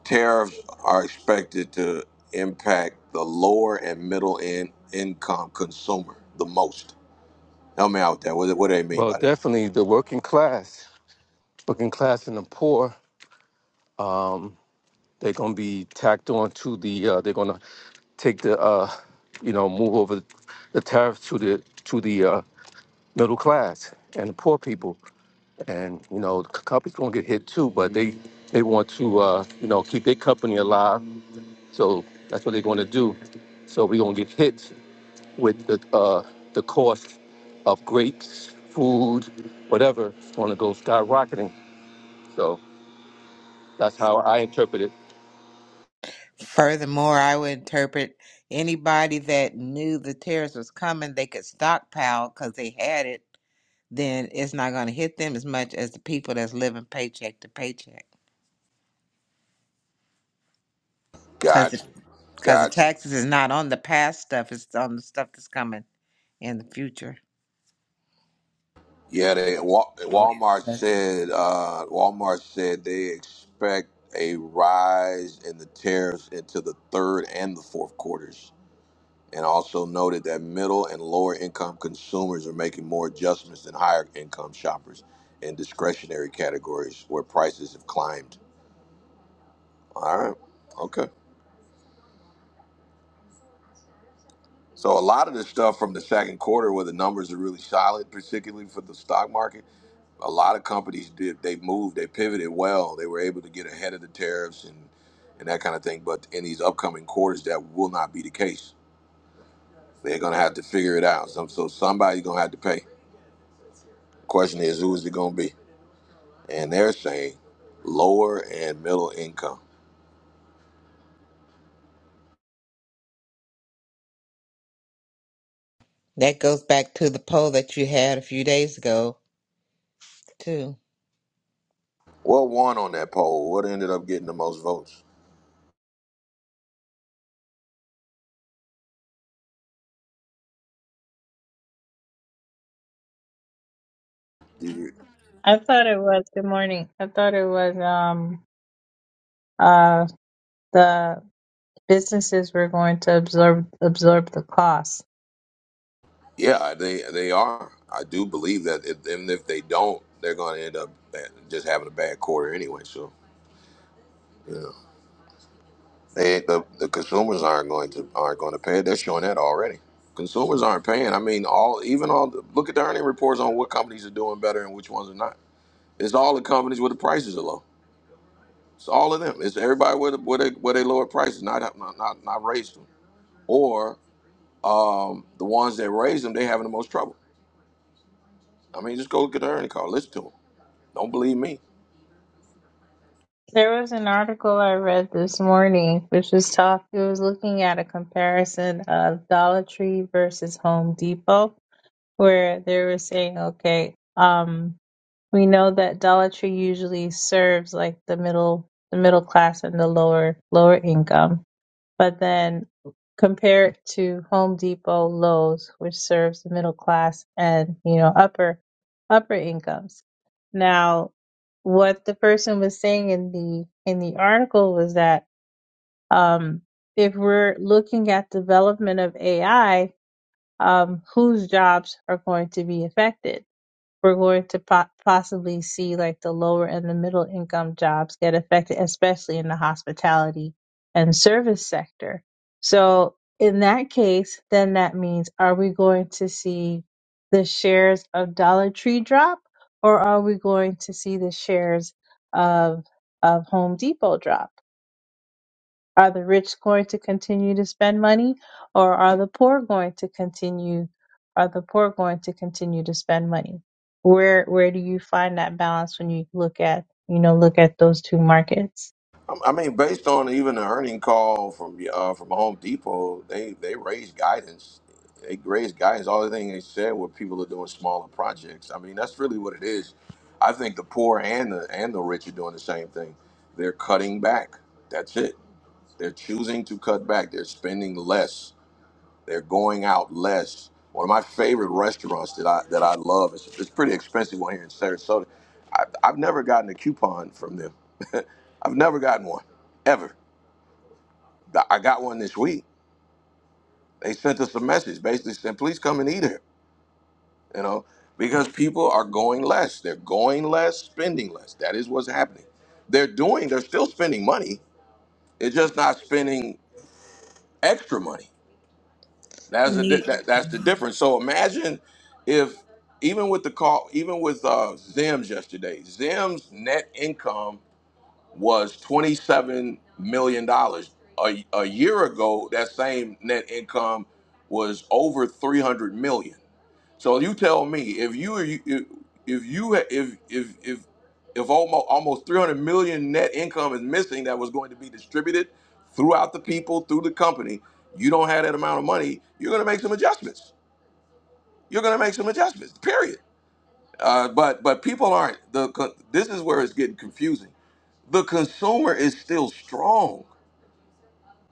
[SPEAKER 1] tariffs are expected to impact the lower and middle in income consumer the most. Help me out with that. What, what do they mean
[SPEAKER 9] Well,
[SPEAKER 1] by that?
[SPEAKER 9] definitely the working class, working class and the poor, they're gonna be tacked on to the. Uh, they're gonna take the, uh, you know, move over the tariff to the to the uh, middle class and the poor people, and you know, the c- companies gonna get hit too, but they they want to, uh, you know, keep their company alive, so that's what they're gonna do. So we're gonna get hit with the uh, the cost of grapes, food, whatever, it's going to go skyrocketing. So that's how I interpret it.
[SPEAKER 4] Furthermore, I would interpret anybody that knew the terrorist was coming, they could stockpile because they had it. Then it's not going to hit them as much as the people that's living paycheck to paycheck. Because
[SPEAKER 1] Gotcha.
[SPEAKER 4] because the
[SPEAKER 1] Gotcha.
[SPEAKER 4] taxes is not on the past stuff; it's on the stuff that's coming in the future.
[SPEAKER 1] Yeah, they Wa-
[SPEAKER 4] or
[SPEAKER 1] Walmart
[SPEAKER 4] present.
[SPEAKER 1] said uh, Walmart said they expect a rise in the tariffs into the third and the fourth quarters, and also noted that middle and lower income consumers are making more adjustments than higher income shoppers in discretionary categories where prices have climbed. All right, okay. So a lot of the stuff from the second quarter where the numbers are really solid, particularly for the stock market a lot of companies did they moved they pivoted well they were able to get ahead of the tariffs and and that kind of thing but in these upcoming quarters that will not be the case they're going to have to figure it out so, so somebody's going to have to pay the question is who is it going to be and they're saying lower and middle income
[SPEAKER 4] That goes back to the poll that you had a few days ago too.
[SPEAKER 1] what won on that poll what ended up getting the most votes Did you-
[SPEAKER 11] I thought it was good morning. I thought it was um uh the businesses were going to absorb absorb the cost.
[SPEAKER 1] yeah they they are i do believe that if, even if they don't they're going to end up just having a bad quarter anyway so yeah They, the the consumers aren't going to aren't going to pay. it. They're showing that already. Consumers aren't paying. I mean, all even all the, look at the earning reports on what companies are doing better and which ones are not. It's all the companies where the prices are low. It's all of them. It's everybody where the, where they where they lower prices, not not not, not raised them, or um, the ones that raise them, they having the most trouble. I mean, just go look at the earning call. Listen to them. Don't believe me.
[SPEAKER 11] There was an article I read this morning which was talk it was looking at a comparison of Dollar Tree versus Home Depot where they were saying, okay, um we know that Dollar Tree usually serves like the middle the middle class and the lower lower income But then compare it to Home Depot, Lowe's, which serves the middle class and, you know, upper upper incomes. Now, what the person was saying in the in the article was that um, if we're looking at development of AI, um, whose jobs are going to be affected? we're going to po- possibly see like the lower and the middle income jobs get affected, especially in the hospitality and service sector. So, in that case, then that means are we going to see the shares of Dollar Tree drop or are we going to see the shares of of Home Depot drop? Are the rich going to continue to spend money or are the poor going to continue are the poor going to continue to spend money? Where where do you find that balance when you look at you know look at those two markets?
[SPEAKER 1] I I mean, based on even the earning call from uh, from Home Depot, they they raised guidance. They raised guidance. All the thing they said were people are doing smaller projects. I mean, that's really what it is. I think the poor and the and the rich are doing the same thing. They're cutting back. That's it. They're choosing to cut back. They're spending less. They're going out less. One of my favorite restaurants that I that I love. It's, it's a pretty expensive one here in Sarasota. I, I've never gotten a coupon from them. I've never gotten one ever. Th- I got one this week. They sent us a message basically saying, "Please come and eat here." You know, because people are going less. They're going less, spending less. That is what's happening. They're doing. They're still spending money. They're just not spending extra money That's the di-
[SPEAKER 4] Need
[SPEAKER 1] that, that's the difference. So imagine if even with the call, even with uh, Zim's yesterday, Zim's net income was twenty seven million dollars. A, a year ago, that same net income was over three hundred million. So you tell me if you if if you if if if if almost almost 300 million net income is missing that was going to be distributed throughout the people through the company, you don't have that amount of money, you're going to make some adjustments. You're going to make some adjustments. Period. Uh, but but people aren't the co- this is where it's getting confusing. The consumer is still strong.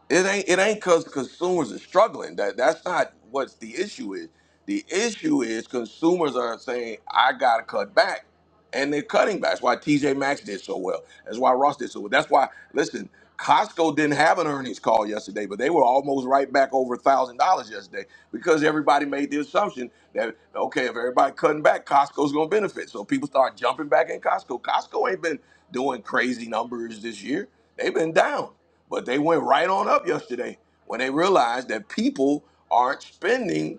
[SPEAKER 1] It ain't it ain't cause consumers are struggling. That that's not what the issue is. The issue is consumers are saying, I gotta cut back. And they're cutting back. That's why TJ Maxx did so well. That's why Ross did so well. That's why, listen, Costco didn't have an earnings call yesterday, but they were almost right back over a thousand dollars yesterday because everybody made the assumption that okay, if everybody cutting back, Costco's gonna benefit. So people start jumping back in Costco. Costco ain't been doing crazy numbers this year. They've been down. But they went right on up yesterday when they realized that people aren't spending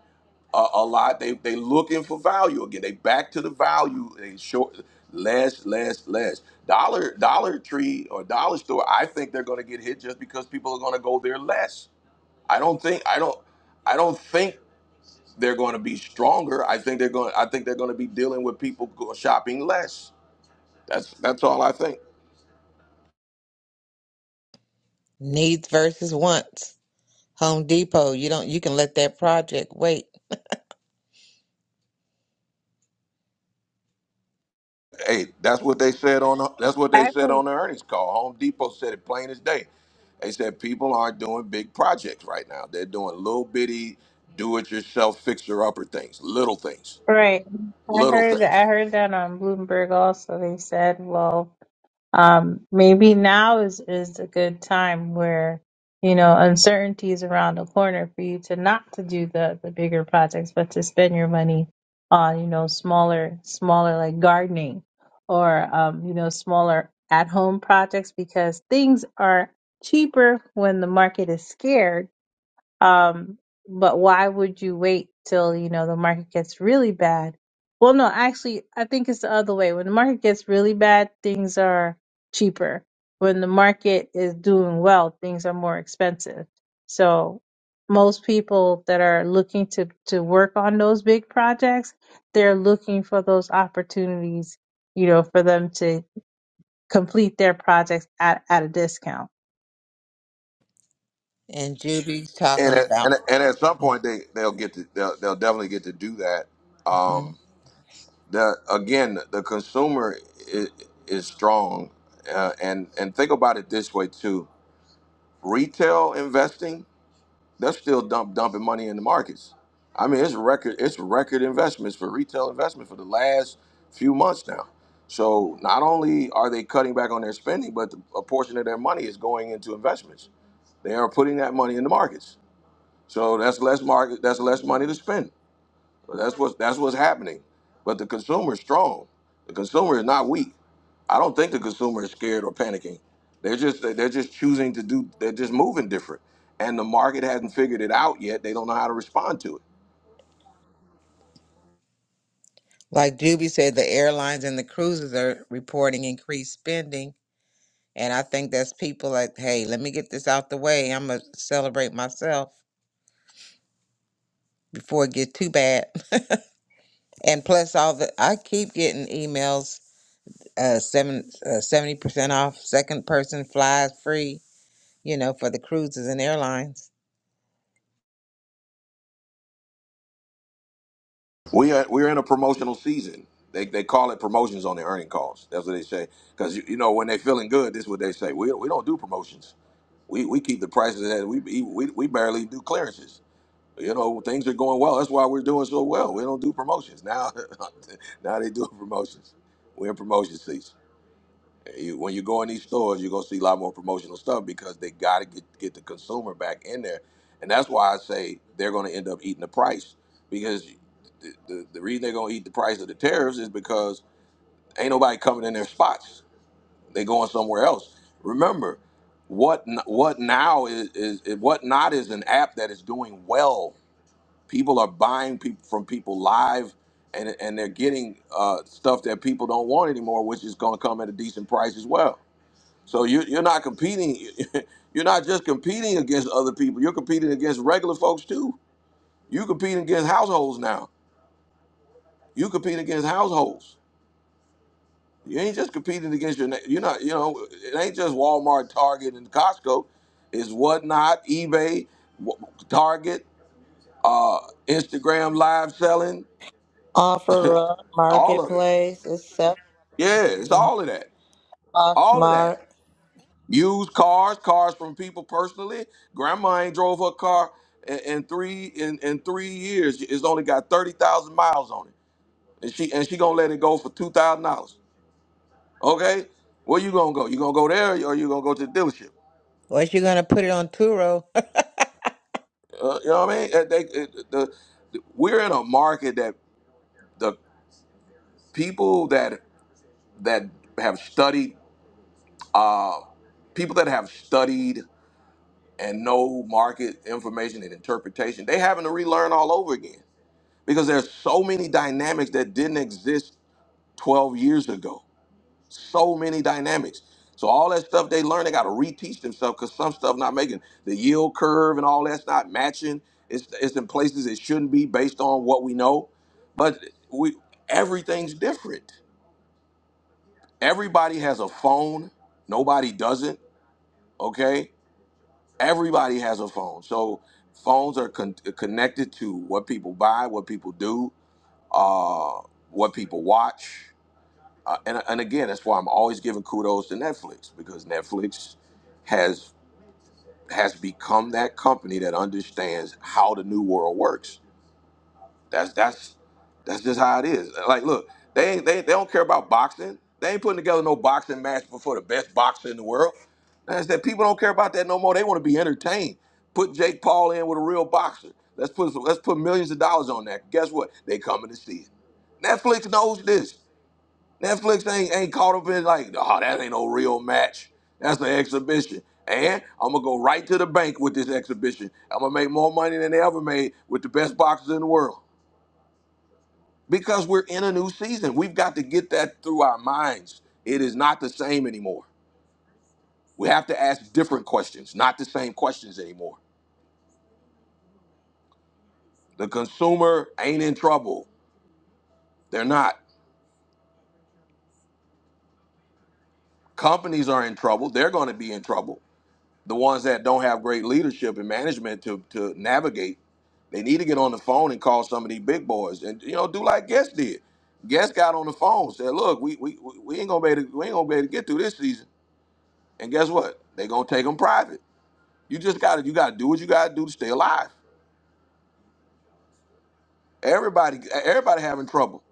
[SPEAKER 1] a, a lot. They they looking for value again. They back to the value. They short less, less, less. Dollar Dollar Tree or Dollar Store. I think they're going to get hit just because people are going to go there less. I don't think I don't I don't think they're going to be stronger. I think they're going I think they're going to be dealing with people go- shopping less. That's that's all I think.
[SPEAKER 4] needs versus wants. Home Depot, you don't you can let that project wait.
[SPEAKER 1] Hey, that's what they said on that's what they said
[SPEAKER 11] Actually,
[SPEAKER 1] on the earnings call. Home Depot said it plain as day. They said people aren't doing big projects right now. They're doing little bitty do-it-yourself fixer-upper things, little things,
[SPEAKER 11] right. I
[SPEAKER 1] little
[SPEAKER 11] heard I
[SPEAKER 1] things.
[SPEAKER 11] heard that on Bloomberg also they said, well, um, maybe now is is a good time where you know uncertainty is around the corner for you to not to do the the bigger projects but to spend your money on you know smaller smaller like gardening or um, you know smaller at home projects because things are cheaper when the market is scared um, but why would you wait till, you know, the market gets really bad? Well, no, actually, I think it's the other way. When the market gets really bad, things are cheaper. When the market is doing well, things are more expensive. So most people that are looking to, to work on those big projects, they're looking for those opportunities, you know, for them to complete their projects at, at a discount.
[SPEAKER 4] And Judy's
[SPEAKER 1] And
[SPEAKER 4] talking
[SPEAKER 1] at,
[SPEAKER 4] about.
[SPEAKER 1] and, and at some point they they'll get to they'll, they'll definitely get to do that.
[SPEAKER 4] mm-hmm.
[SPEAKER 1] Um, the again the consumer is, is strong, uh, and and think about it this way too. Retail investing They're still dump, dumping money in the markets. I mean, it's record it's record investments for retail investment for the last few months now. So not only are they cutting back on their spending, but a portion of their money is going into investments. They are putting that money in the markets. So that's less market that's less money to spend. So That's what that's what's happening. But the consumer is strong. The consumer is not weak. I don't think the consumer is scared or panicking. They're just they're just choosing to do. They're just moving different, and the market hasn't figured it out yet. They don't know how to respond to it.
[SPEAKER 4] Like Juby said, the airlines and the cruises are reporting increased spending. And I think that's people like, hey, let me get this out the way. I'm going to celebrate myself before it gets too bad. and plus, all the, I keep getting emails uh, seven, uh, 70% off, second person flies free, you know, for the cruises and airlines.
[SPEAKER 1] We are we're in a promotional season. They, they call it promotions on the earning calls. That's what they say. Because you, you know when they're feeling good, this is what they say. We, we don't do promotions. We, we keep the prices that we, we we barely do clearances you know things are going well that's why we're doing so well we don't do promotions now now they do promotions we're in promotion season you, when you go in these stores you're going to see a lot more promotional stuff because they got to get, get the consumer back in there and that's why i say they're going to end up eating the price because the, the, the reason they're going to eat the price of the tariffs is because ain't nobody coming in their spots they going somewhere else remember what N- what now is, is what not is an app that is doing well people are buying people from people live and and they're getting uh, stuff that people don't want anymore which is going to come at a decent price as well so you, you're not competing you're not just competing against other people you're competing against regular folks too you competing against households now you competing against households you ain't just competing against your na- you're not you know it ain't just walmart target and costco it's whatnot ebay Wa- target uh, instagram live selling
[SPEAKER 5] Offer up,
[SPEAKER 1] all of it
[SPEAKER 5] marketplace, is etc.
[SPEAKER 1] Yeah, it's all of that. All of that.
[SPEAKER 5] Poshmark.
[SPEAKER 1] Used cars, cars from people personally. Grandma ain't drove her car in, in three in, in three years. It's only got thirty thousand miles on it, and she and she gonna let it go for two thousand dollars. Okay, where you gonna go? You gonna go there, or you gonna go to the dealership?
[SPEAKER 4] Unless you're going to put it on Turo.
[SPEAKER 1] Uh, you know what I mean? Uh, They, uh, the, the, we're in a market that the people that that have studied, uh, people that have studied and no market information and interpretation, they having to relearn all over again because there's so many dynamics that didn't exist 12 years ago. So many dynamics. So all that stuff they learn, they got to reteach themselves because some stuff not making the yield curve and all that's not matching. It's it's in places it shouldn't be based on what we know, but we everything's different. Everybody has a phone. Nobody doesn't. Okay Everybody has a phone, so phones are con- connected to what people buy, what people do, uh, what people watch, uh, and and again, that's why I'm always giving kudos to Netflix because Netflix has has become that company that understands how the new world works that's that's that's just how it is. Like, look, they ain't they, they don't care about boxing. They ain't putting together no boxing match before the best boxer in the world. That's that people don't care about that no more. They want to be entertained. Put Jake Paul in with a real boxer. Let's put let's put millions of dollars on that. Guess what? They coming to see it. Netflix knows this. Netflix ain't ain't caught up in like, oh, that ain't no real match. That's an exhibition. And I'm gonna go right to the bank with this exhibition. I'm gonna make more money than they ever made with the best boxers in the world because we're in a new season. We've got to get that through our minds. It is not the same anymore. We have to ask different questions, not the same questions anymore. The consumer ain't in trouble. They're not. Companies are in trouble. They're going to be in trouble. The ones that don't have great leadership and management to, to navigate, they need to get on the phone and call some of these big boys and you know do like Guest did. Guest got on the phone said, "Look, we we, we ain't gonna be able to, we ain't gonna be able to get through this season." And guess what? They're gonna take them private You just gotta you gotta do what you gotta do to stay alive. Everybody everybody having trouble.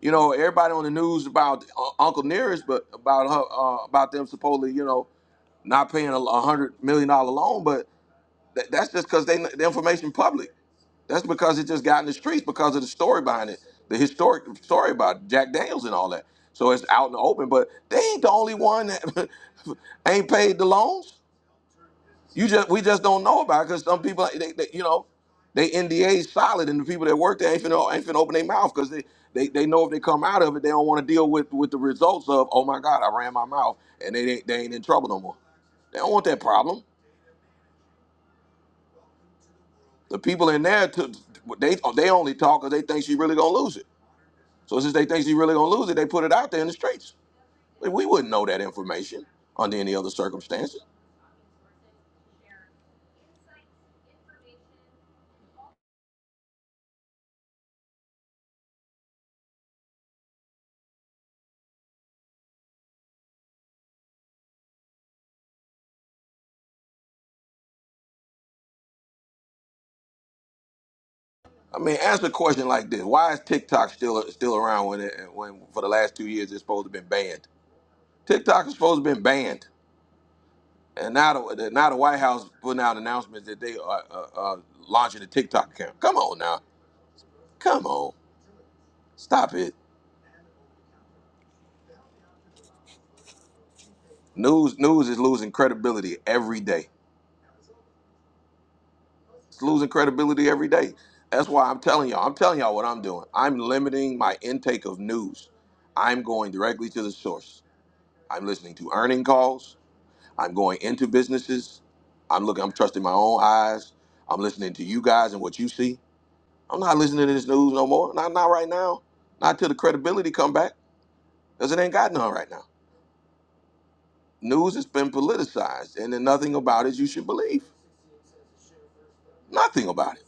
[SPEAKER 1] You know, everybody on the news about uh, Uncle Nearest, but about her, uh, about them supposedly, you know, not paying a a hundred million dollar loan. But that, that's just because they the information public. That's because it just got in the streets because of the story behind it, the historic story about Jack Daniels and all that. So it's out in the open. But they ain't the only one that ain't paid the loans. You just we just don't know about it because some people they, they you know they NDA solid and the people that work there ain't finna, ain't finna open their mouth because they, they they know if they come out of it they don't want to deal with with the results of oh my god I ran my mouth and they they, they ain't in trouble no more. They don't want that problem. The people in there to, they they only talk because they think she really gonna lose it. So since they think she really gonna lose it, they put it out there in the streets. Like, We wouldn't know that information under any other circumstances. I mean, answer a question like this: Why is TikTok still still around when it when for the last two years it's supposed to have been banned? TikTok is supposed to have been banned, and now the now the White House putting out announcements that they are uh, uh, launching a TikTok account. Come on now, come on, stop it. News news is losing credibility every day. It's losing credibility every day. That's why I'm telling y'all. I'm telling y'all what I'm doing. I'm limiting my intake of news. I'm going directly to the source. I'm listening to earning calls. I'm going into businesses. I'm looking. I'm trusting my own eyes. I'm listening to you guys and what you see. I'm not listening to this news no more. Not not right now. Not till the credibility come back, because it ain't got none right now. News has been politicized, and then nothing about it you should believe. Nothing about it.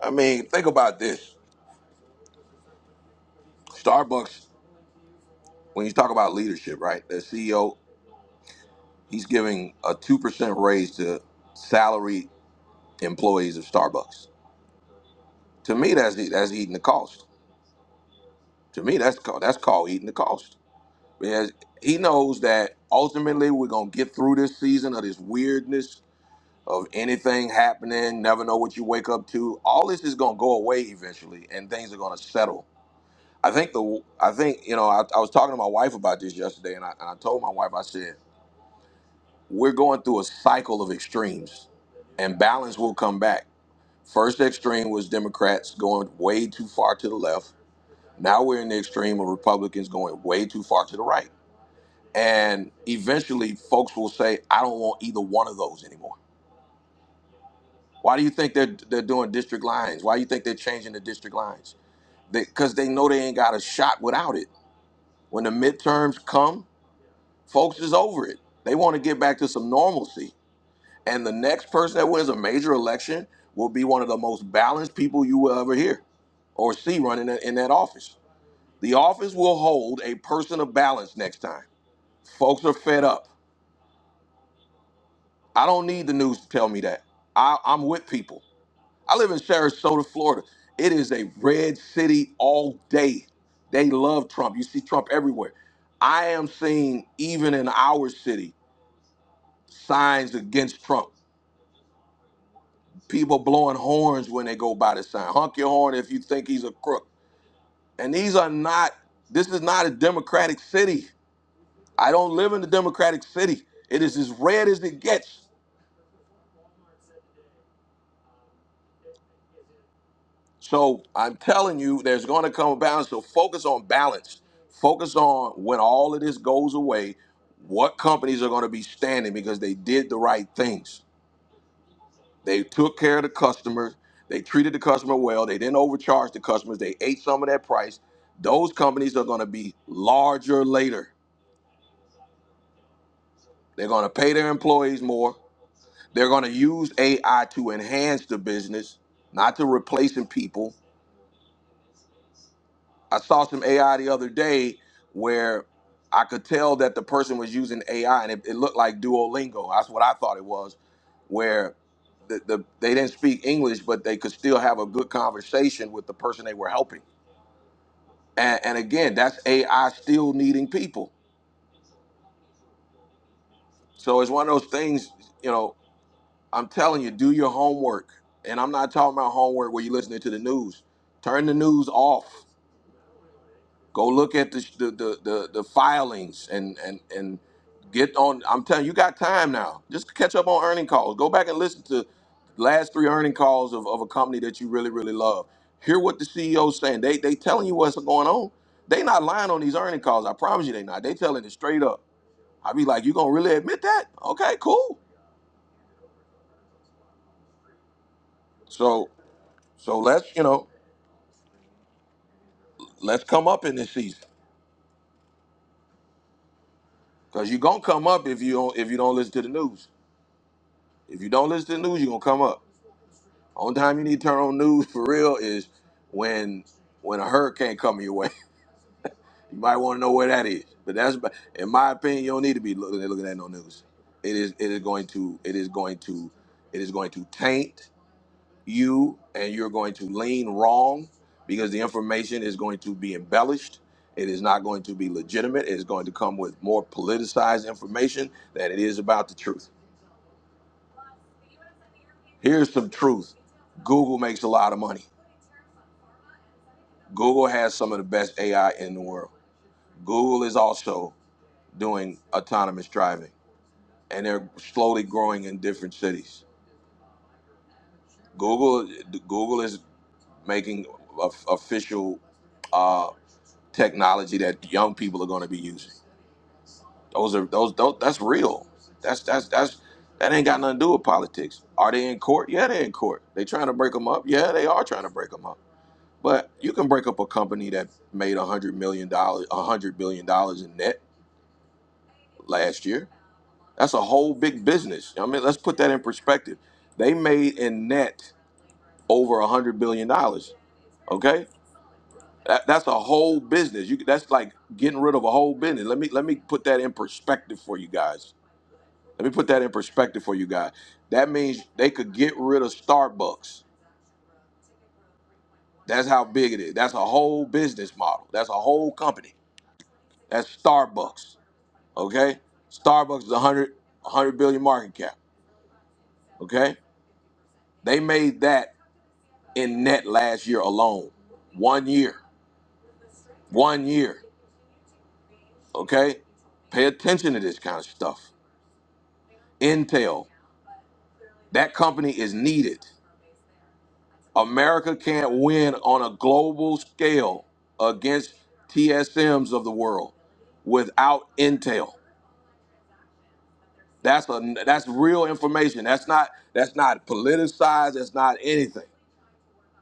[SPEAKER 1] I mean, think about this. Starbucks, when you talk about leadership, right? The CEO, he's giving a two percent raise to salaried employees of Starbucks. To me, that's that's eating the cost. To me, that's called that's called eating the cost. Because he knows that ultimately we're gonna get through this season of this weirdness of anything happening, never know what you wake up to. All this is gonna go away eventually, and things are gonna settle. I think the I think you know I, I was talking to my wife about this yesterday, and I, and I told my wife I said we're going through a cycle of extremes, and balance will come back. First extreme was Democrats going way too far to the left. Now we're in the extreme of Republicans going way too far to the right and eventually folks will say i don't want either one of those anymore why do you think they're, they're doing district lines why do you think they're changing the district lines because they, 'cause they know they ain't got a shot without it when the midterms come folks is over it they want to get back to some normalcy and the next person that wins a major election will be one of the most balanced people you will ever hear or see running in in that office the office will hold a person of balance next time folks are fed up I don't need the news to tell me that. I, I'm with people. I live in Sarasota, Florida. It is a red city all day. They love Trump. You see Trump everywhere. I am seeing, even in our city, signs against Trump. People blowing horns when they go by the sign. Honk your horn if you think he's a crook. And these are not, this is not a Democratic city. I don't live in a Democratic city. It is as red as it gets. So I'm telling you, there's going to come a balance. So focus on balance. Focus on when all of this goes away, what companies are going to be standing because they did the right things. They took care of the customers. They treated the customer well. They didn't overcharge the customers. They ate some of that price. Those companies are going to be larger later. They're going to pay their employees more. They're going to use AI to enhance the business, not to replacing people I saw some AI the other day where I could tell that the person was using AI, and it, it looked like Duolingo. That's what I thought it was, where the, the they didn't speak English, but they could still have a good conversation with the person they were helping. And, and again, that's AI still needing people. So it's one of those things, you know. I'm telling you, do your homework, and I'm not talking about homework where you're listening to the news. Turn the news off Go look at the the the, the, the filings and and and get on. I'm telling you, you got time now. Just catch up on earning calls. Go back and listen to the last three earning calls of, of a company that you really really love. Hear what the CEO's saying. They they telling you what's going on. They not lying on these earning calls. I promise you, they not. They telling it straight up. I be like, you gonna really admit that? Okay, cool. So so let's you know let's come up in this season because you gonna come up if you don't if you don't listen to the news. If you don't listen to the news, you are gonna come up. Only time you need to turn on news for real is when when a hurricane coming your way. You might want to know where that is. But that's about- in my opinion, you don't need to be looking at looking at no news. It is it is going to it is going to it is going to taint you and you're going to lean wrong because the information is going to be embellished. It is not going to be legitimate. It is going to come with more politicized information than it is about the truth. Here's some truth. Google makes a lot of money. Google has some of the best AI in the world. Google is also doing autonomous driving, and they're slowly growing in different cities. Google, Google is making of- official uh, technology that young people are going to be using. Those are those, those. That's real. That's that's that's that ain't got nothing to do with politics. Are they in court? Yeah, they're in court. They trying to break them up. Yeah, they are trying to break them up. But you can break up a company that made a hundred million dollars, a hundred billion dollars in net last year. That's a whole big business. I mean, let's put that in perspective. They made in net over a hundred billion dollars. Okay, that, that's a whole business. You that's like getting rid of a whole business. Let me let me put that in perspective for you guys. Let me put that in perspective for you guys. That means they could get rid of Starbucks. That's how big it is. That's a whole business model. That's a whole company. That's Starbucks. Okay, Starbucks is a hundred a hundred billion market cap. Okay, they made that. in net last year alone. One year. One year. Okay? Pay attention to this kind of stuff. Intel, that company is needed. America can't win on a global scale against TSMs of the world without Intel. That's a that's real information. That's not that's not politicized. That's not anything.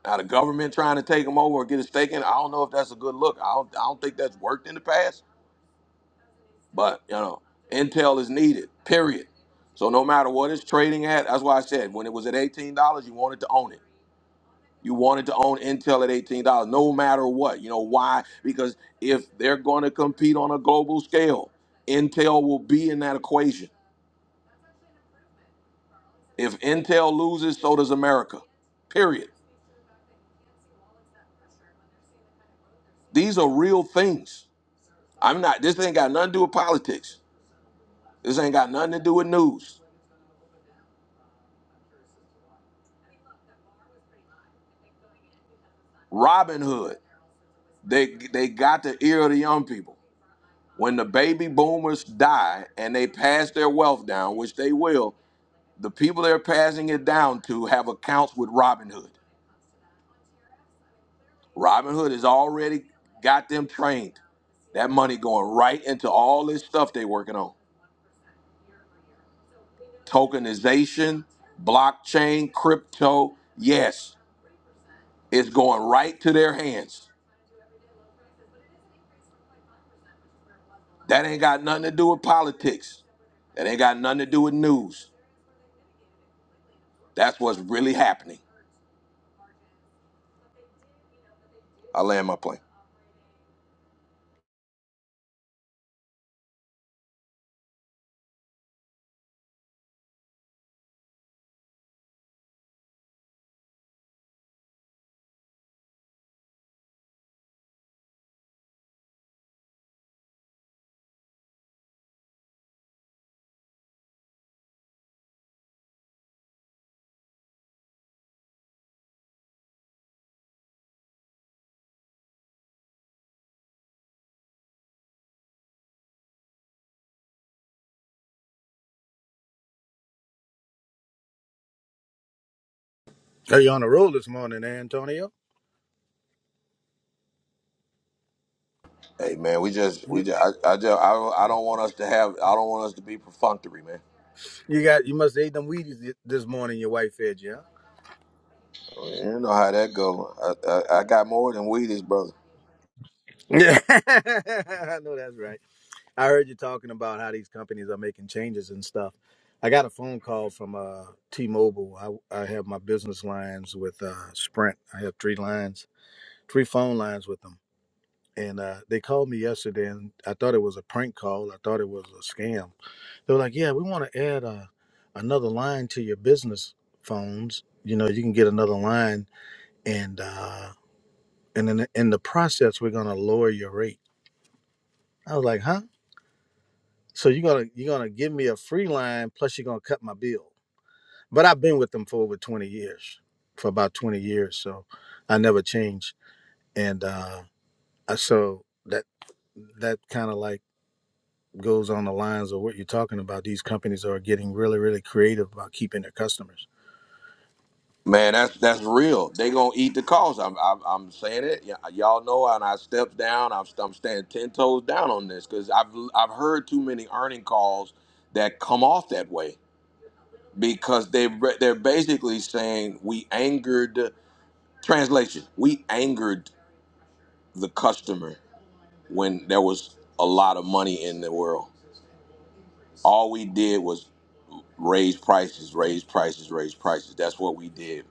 [SPEAKER 1] Now the government trying to take them over or get us taken. I don't know if that's a good look. I don't, I don't think that's worked in the past. But you know, intel is needed. Period. So no matter what it's trading at, that's why I said when it was at eighteen dollars, you wanted to own it. You wanted to own Intel at eighteen dollars, no matter what. You know why? Because if they're going to compete on a global scale, Intel will be in that equation. If Intel loses, so does America. Period. These are real things. I'm not. This ain't got nothing to do with politics. This ain't got nothing to do with news. Robin Hood. They they got the ear of the young people. when the baby boomers die and they pass their wealth down, which they will, the people they're passing it down to have accounts with Robin Hood. Robin Hood has already got them trained. That money going right into all this stuff they're working on. Tokenization, blockchain, crypto. Yes, it's going right to their hands. That ain't got nothing to do with politics. That ain't got nothing to do with news. That's what's really happening. I land my plane.
[SPEAKER 12] Are you on a roll this morning, Antonio?
[SPEAKER 1] Hey man, we just we
[SPEAKER 12] You,
[SPEAKER 1] just I, I just I don't I don't want us to have I don't want us to be perfunctory, man.
[SPEAKER 12] you got you must have ate them Wheaties th- this morning. Your wife fed you. Huh?
[SPEAKER 1] You know how that go. I, I, I got more than Wheaties, brother.
[SPEAKER 12] Yeah, I know that's right. I heard you talking about how these companies are making changes and stuff. I got a phone call from uh, T-Mobile. I, I have my business lines with uh, Sprint. I have three lines, three phone lines with them, and uh, they called me yesterday. And I thought it was a prank call. I thought it was a scam. They were like, "Yeah, we want to add a, another line to your business phones. You know, you can get another line, and uh, and in the, in the process, we're gonna lower your rate." I was like, "Huh? So you're gonna you're gonna give me a free line plus you're gonna cut my bill?" But I've been with them for over 20 years, for about 20 years, so I never changed. And uh, I- so that that kind of like goes on the lines of what you're talking about. These companies are getting really really creative about keeping their customers
[SPEAKER 1] Man, that's that's real. They gonna eat the cost. I'm I'm, I'm saying it. Y- y'all know, and I stepped down. I'm, I'm standing ten toes down on this because I've I've heard too many earning calls that come off that way because they they're basically saying we angered translation. We angered the customer when there was a lot of money in the world. All we did was raise prices, raise prices, raise prices. That's what we did.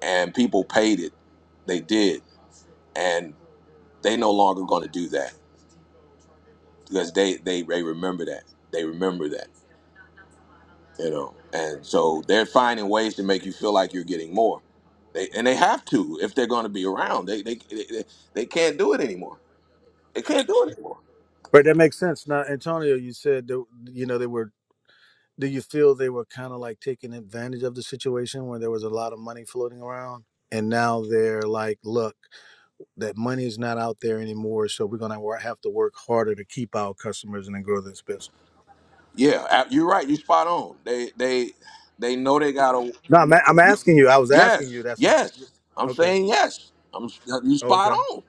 [SPEAKER 1] And people paid it. They did. And they no longer going to do that because they, they, they remember that. They remember that, you know. And so they're finding ways to make you feel like you're getting more. They, and they have to if they're going to be around. They, they, they, they can't do it anymore. They can't do it anymore.
[SPEAKER 12] Right, that makes sense. Now, Antonio, you said that you know they were. Do you feel they were kind of like taking advantage of the situation where there was a lot of money floating around, and now they're like, "Look, that money is not out there anymore, so we're gonna have to work harder to keep our customers and then grow this business."
[SPEAKER 1] Yeah, a- you're right. You're spot on. They, they, they know they got to.
[SPEAKER 12] No, I'm, a- I'm
[SPEAKER 1] Y-
[SPEAKER 12] asking you. I was asking you.
[SPEAKER 1] Yes,
[SPEAKER 12] That's not
[SPEAKER 1] yes. I'm
[SPEAKER 12] okay.
[SPEAKER 1] saying yes. I'm you spot
[SPEAKER 12] Okay.
[SPEAKER 1] on.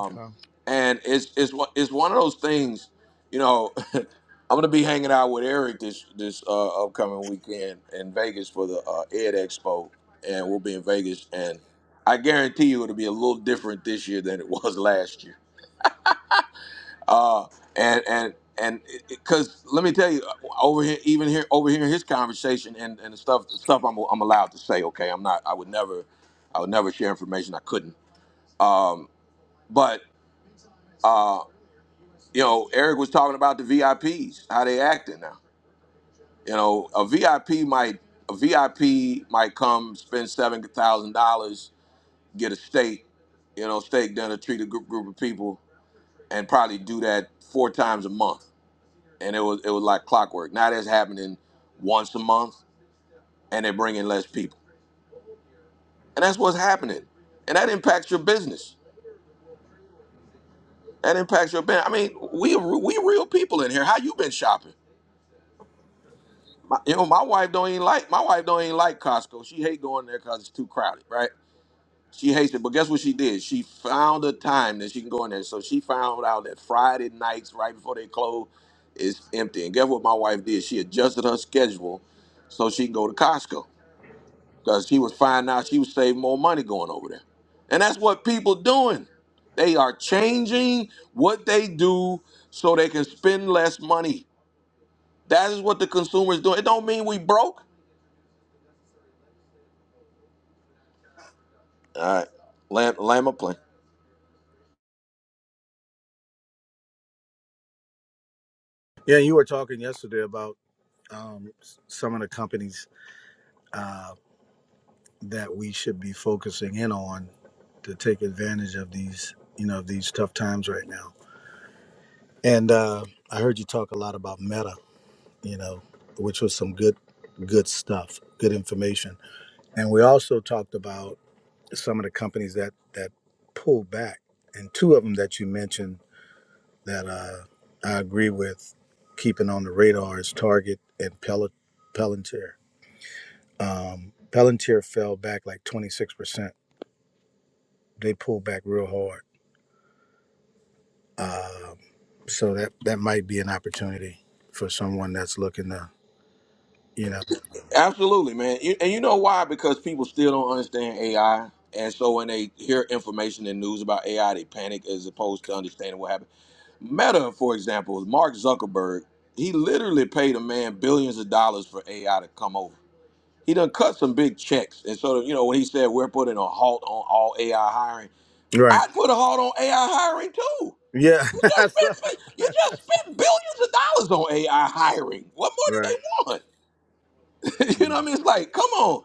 [SPEAKER 1] Um,
[SPEAKER 12] Okay.
[SPEAKER 1] And it's it's one- it's one of those things, you know. I'm gonna be hanging out with Eric this this uh, upcoming weekend in Vegas for the uh, Ed Expo, and we'll be in Vegas. And I guarantee you, it'll be a little different this year than it was last year. uh, and and and because let me tell you, uh, over here, even here, over here, in his conversation and, and the stuff, the stuff I'm, I'm allowed to say. Okay, I'm not. I would never, I would never share information I couldn't. Um, but uh, you know, Eric was talking about the VIPs, how they acting now. You know, a VIP might a VIP might come spend seven thousand dollars, get a steak, you know, steak dinner, treat a group group of people, and probably do that four times a month and it was it was like clockwork. Now that's happening once a month, and they're bringing less people, and that's what's happening, and that impacts your business. That impacts your business. I mean, we we real people in here. How you been shopping? My, you know, my wife don't even like my wife don't even like Costco. She hate going there because it's too crowded, right? She hates it. But guess what she did? She found a time that she can go in there. So she found out that Friday nights, right before they close, is empty. And guess what my wife did? She adjusted her schedule so she can go to Costco. because she was finding out she was saving more money going over there. And that's what people doing. They are changing what they do so they can spend less money. That is what the consumer is doing. It don't mean we broke. All right, land, land my plane.
[SPEAKER 12] Yeah, you were talking yesterday about um, s- some of the companies. uh, that we should be focusing in on to take advantage of these, you know, these tough times right now. And uh, I heard you talk a lot about meta, you know, which was some good, good stuff, good information. And we also talked about some of the companies that that pull back, and two of them that you mentioned that uh, I agree with keeping on the radar is Target and Pel- Palantir. Um, Palantir fell back like 26%. They pulled back real hard Um, so that that might be an opportunity for someone that's looking to, you know.
[SPEAKER 1] Absolutely, man. You, and you know why? Because people still don't understand AI. And so when they hear information and news about AI, they panic as opposed to understanding what happened. Meta, for example, Mark Zuckerberg, he literally paid a man billions of dollars for AI to come over. he done cut some big checks. And so, you know, when he said we're putting a halt on all AI hiring,
[SPEAKER 12] Right.
[SPEAKER 1] I'd put a halt on AI hiring too.
[SPEAKER 12] Yeah.
[SPEAKER 1] You
[SPEAKER 12] I
[SPEAKER 1] just
[SPEAKER 12] saw-
[SPEAKER 1] spent you just spent billions of dollars on AI hiring. What
[SPEAKER 12] right.
[SPEAKER 1] more do they want? you know what I mean? It's like, come on,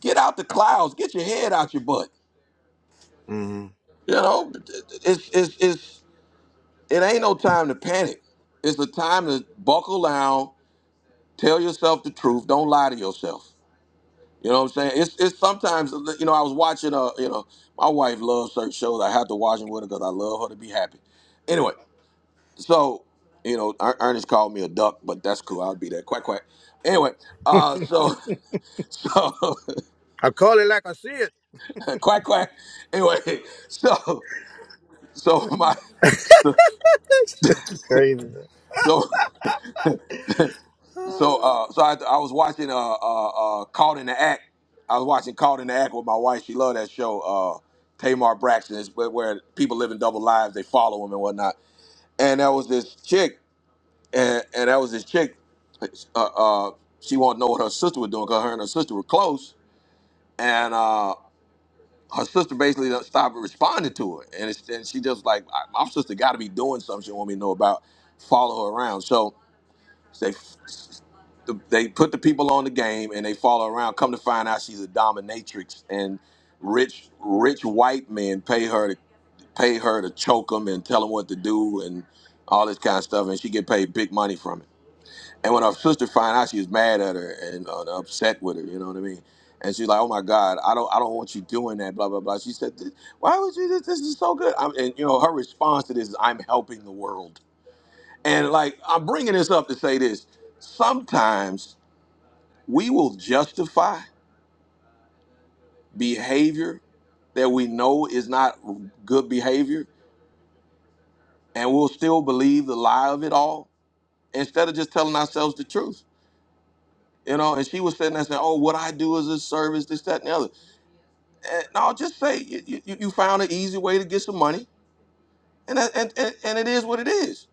[SPEAKER 1] get out the clouds, get your head out your butt.
[SPEAKER 12] hmm
[SPEAKER 1] You know, it's it's it's it ain't no time to panic. It's a time to buckle down, tell yourself the truth, don't lie to yourself. You know what I'm saying? It's it's sometimes you know I was watching uh you know my wife loves certain shows. I have to watch them with her because I love her to be happy. Anyway, so you know Er- Ernest called me a duck, but that's cool. I'll be there. Quack quack. Anyway, uh, so so
[SPEAKER 12] I call it like I see it.
[SPEAKER 1] quack quack. Anyway, so so my
[SPEAKER 12] Crazy.
[SPEAKER 1] so so uh so I, I was watching uh uh uh Caught in the Act. I was watching Caught in the Act with my wife. She loved that show. Uh, Tamar Braxton is where, where people living double lives. They follow him and whatnot. and there was this chick, and, and there was this chick. Uh, uh, she wanted to know what her sister was doing because her and her sister were close, and uh, her sister basically done stopped responding to her, and, it's, and she just like, "I- my sister got to be doing something she want me to know about. Follow her around, so they they put the people on the game and they follow her around. Come to find out, she's a dominatrix, and rich rich white men pay her to pay her to choke them and tell them what to do and all this kind of stuff, and she get paid big money from it. And when her sister find out, she was mad at her and uh, upset with her. You know what I mean? And she's like, "Oh my God, I don't, I don't want you doing that." Blah blah blah. She said, "Th- "Why would you? This, this is so good." I'm, and you know, her response to this is, "I'm helping the world." And like, I'm bringing this up to say this: sometimes we will justify behavior that we know is not good behavior, and we'll still believe the lie of it all instead of just telling ourselves the truth. You know, and she was sitting there saying, "Oh, what I do is a service, this, that, and the other." Eh, no, just say you, you, you found an easy way to get some money, and that, and, and and it is what it is.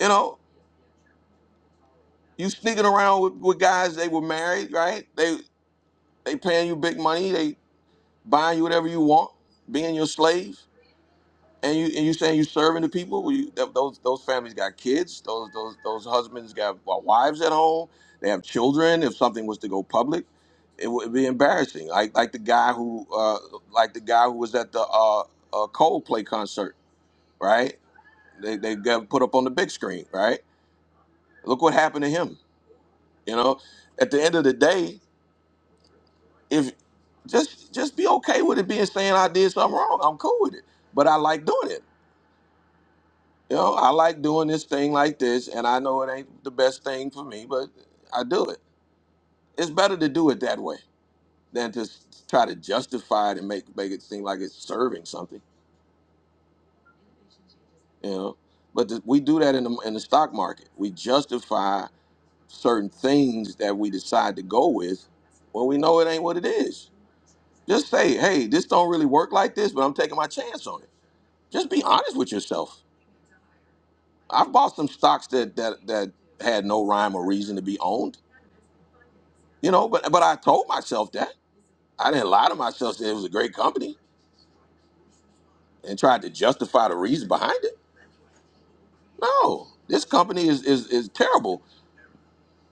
[SPEAKER 1] You know, you sneaking around with, with guys they were married, right? They they paying you big money, they buying you whatever you want, being your slave, and you and you saying you serving the people. Well, you, th- those those families got kids, those those those husbands got uh, wives at home, they have children. If something was to go public, it would be embarrassing. Like like the guy who uh, like the guy who was at the uh, uh, Coldplay concert, right? They they got put up on the big screen, right? Look what happened to him. You know, at the end of the day, if just just be okay with it being saying I did something wrong. I'm cool with it. But I like doing it. You know, I like doing this thing like this, and I know it ain't the best thing for me, but I do it. It's better to do it that way than to s- try to justify it and make make it seem like it's serving something. You know, but th- we do that in the in the stock market. We justify certain things that we decide to go with when we know it ain't what it is. Just say, hey, this don't really work like this, but I'm taking my chance on it. Just be honest with yourself. I've bought some stocks that that that had no rhyme or reason to be owned, you know, but but I told myself that. I didn't lie to myself that it was a great company and tried to justify the reason behind it. No, this company is is, is terrible,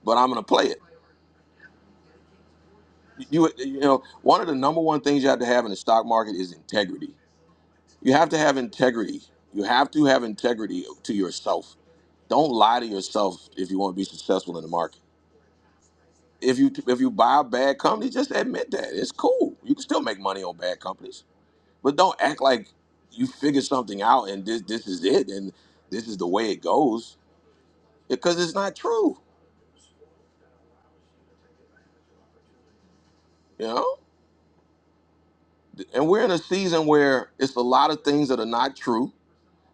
[SPEAKER 1] but I'm gonna play it. You you know, one of the number one things you have to have in the stock market is integrity You have to have integrity. You have to have integrity to yourself. Don't lie to yourself if you want to be successful in the market. If you if you buy a bad company, just admit that. It's cool. You can still make money on bad companies, but don't act like you figured something out and this this is it and this is the way it goes because it's not true, you know? And we're in a season where it's a lot of things that are not true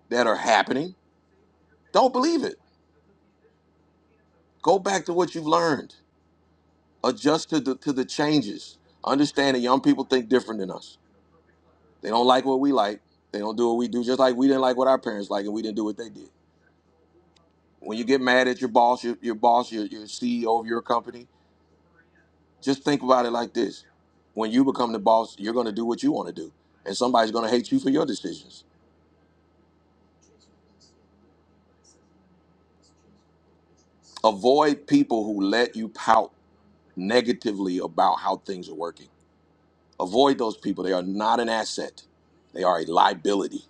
[SPEAKER 1] that are happening. Don't believe it. Go back to what you've learned adjust to the to the changes. Understand that young people think different than us. They don't like what we like. They don't do what we do. Just like we didn't like what our parents like, and we didn't do what they did. When you get mad at your boss, your, your boss, your, your CEO of your company, just think about it like this: When you become the boss, you're going to do what you want to do, and somebody's going to hate you for your decisions. Avoid people who let you pout negatively about how things are working. Avoid those people. They are not an asset. They are a liability.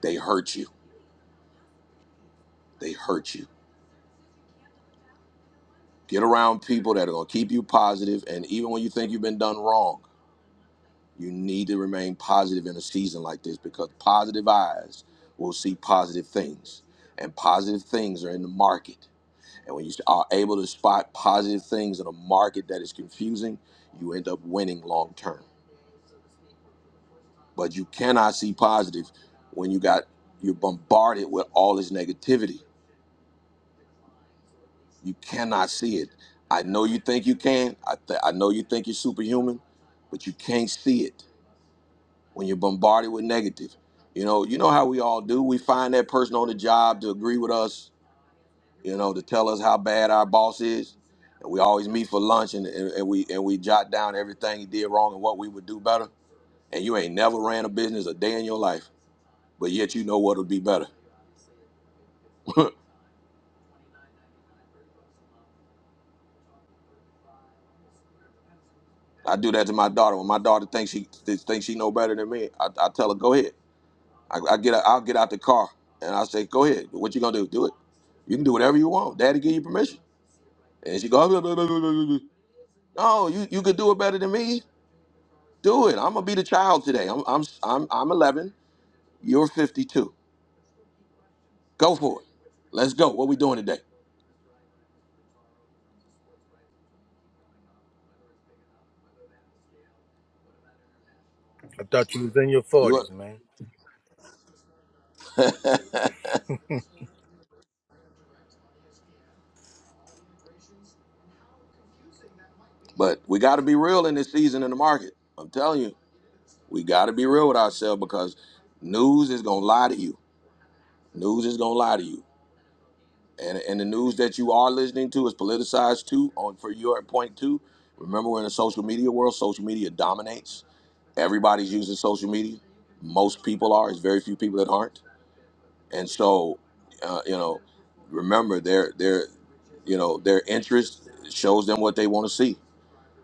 [SPEAKER 1] They hurt you. They hurt you Get around people that are going to keep you positive, and even when you think you've been done wrong, you need to remain positive in a season like this because positive eyes will see positive things, and positive things are in the market. And when you are able to spot positive things in a market that is confusing, you end up winning long term. But you cannot see positive when you got you're bombarded with all this negativity You cannot see it. I know you think you can. I, th- I know you think you're superhuman, but you can't see it when you're bombarded with negative. You know, you know how we all do. We find that person on the job to agree with us. You know, to tell us how bad our boss is. And we always meet for lunch, and, and, and we and we jot down everything he did wrong and what we would do better. And you ain't never ran a business a day in your life, but yet you know what would be better. I do that to my daughter. When my daughter thinks she thinks she know better than me, I, I tell her, "Go ahead." I, I get out, I'll get out the car and I say, "Go ahead. What you gonna do? Do it. You can do whatever you want. Daddy give you permission." And she goes, "No, you you could do it better than me. Do it. I'm gonna be the child today. I'm I'm I'm I'm 11. You're 52. Go for it. Let's go. What we doing today?
[SPEAKER 12] I thought you was in your
[SPEAKER 1] You." up?"
[SPEAKER 12] forties, man.
[SPEAKER 1] but we got to be real in this season in the market. I'm telling you, we got to be real with ourselves because news is gonna lie to you. News is gonna lie to you. and and the news that you are listening to is politicized too. On for your point too. Remember, we're in a social media world. Social media dominates. Everybody's using social media. Most people are. There's very few people that aren't. And so, uh, you know, remember their their you know their interest shows them what they want to see.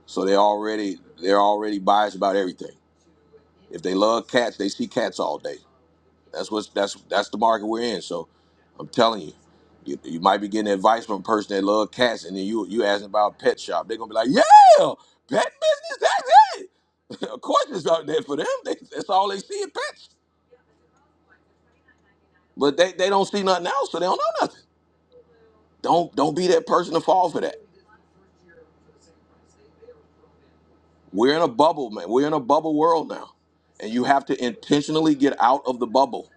[SPEAKER 1] So they already they're already biased about everything. If they love cats, they see cats all day. That's what's that's that's the market we're in. So I'm telling you, you, you might be getting advice from a person that love cats, and then you you asking about a pet shop. They're gonna be like, yeah, pet business. That's it. of course, it's out there for them. They, that's all they see is pets. But they, they don't see nothing else, so they don't know nothing. Don't don't be that person to fall for that. We're in a bubble, man. We're in a bubble world now, and you have to intentionally get out of the bubble.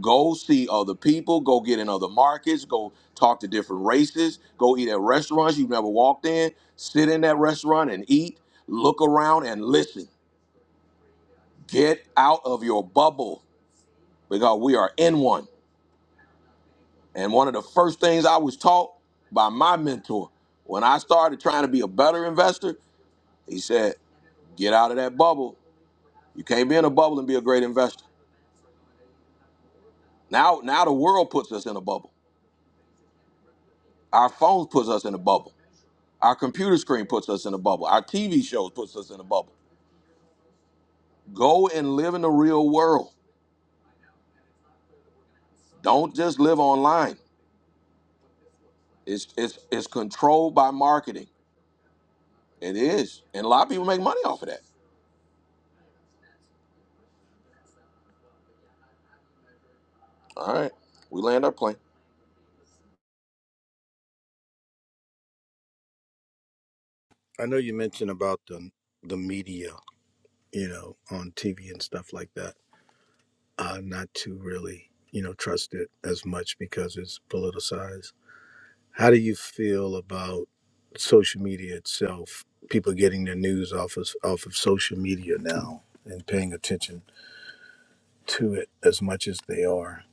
[SPEAKER 1] Go see other people. Go get in other markets. Go talk to different races. Go eat at restaurants you've never walked in. Sit in that restaurant and eat. Look around and listen. Get out of your bubble because we are in one. And one of the first things I was taught by my mentor when I started trying to be a better investor, he said, "Get out of that bubble. You can't be in a bubble and be a great investor." Now, now the world puts us in a bubble. Our phones puts us in a bubble. Our computer screen puts us in a bubble. Our TV shows puts us in a bubble. Go and live in the real world. Don't just live online. It's it's it's controlled by marketing. It is, and a lot of people make money off of that. All right, we land our plane.
[SPEAKER 12] I know you mentioned about the the media, you know, on TV and stuff like that. Uh, not to really, you know, trust it as much because it's politicized. How do you feel about social media itself? People getting their news off of off of social media now and paying attention to it as much as they are.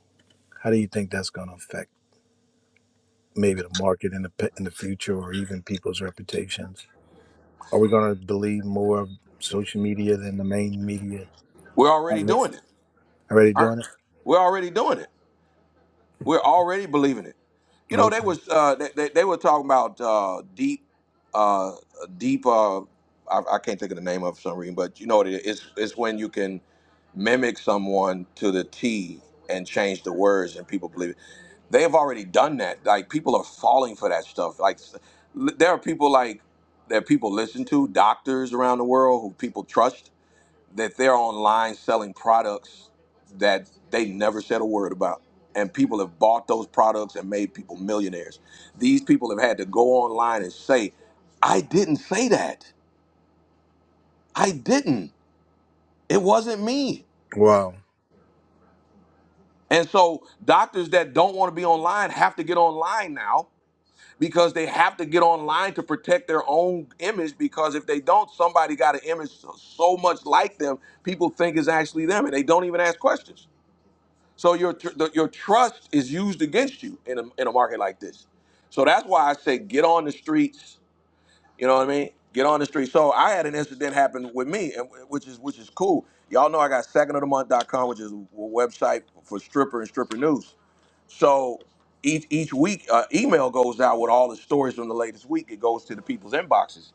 [SPEAKER 12] How do you think that's going to affect maybe the market in the pe- in the future or even people's reputations? Are we going to believe more of social media than the main media
[SPEAKER 1] We're already
[SPEAKER 12] outlets?
[SPEAKER 1] doing it.
[SPEAKER 12] Already
[SPEAKER 1] All right,
[SPEAKER 12] doing it?
[SPEAKER 1] we're already doing it. We're already believing it. You know, they
[SPEAKER 12] Okay.
[SPEAKER 1] was uh, they, they, they were talking about uh, deep, uh, deep. Uh, I, I can't think of the name of it for some reason, but you know what it is? It's, it's when you can mimic someone to the T and change the words, and people believe it. They have already done that. Like people are falling for that stuff. Like s- there are people like that people listen to, doctors around the world who people trust that they're online selling products that they never said a word about. And people have bought those products and made people millionaires. These people have had to go online and say, I didn't say that. I didn't. It wasn't me.
[SPEAKER 12] Wow.
[SPEAKER 1] And so doctors that don't want to be online have to get online now because they have to get online to protect their own image because if they don't, somebody got an image so so much like them, people think is actually them and they don't even ask questions. So your tr- the, your trust is used against you in a, in a market like this. So that's why I say get on the streets. You know what I mean? Get on the streets. So I had an incident happen with me, and which is which is cool. Y'all know I got secondofthemonth.com, which is a website for stripper and stripper news. So each each week, uh, email goes out with all the stories from the latest week. It goes to the people's inboxes,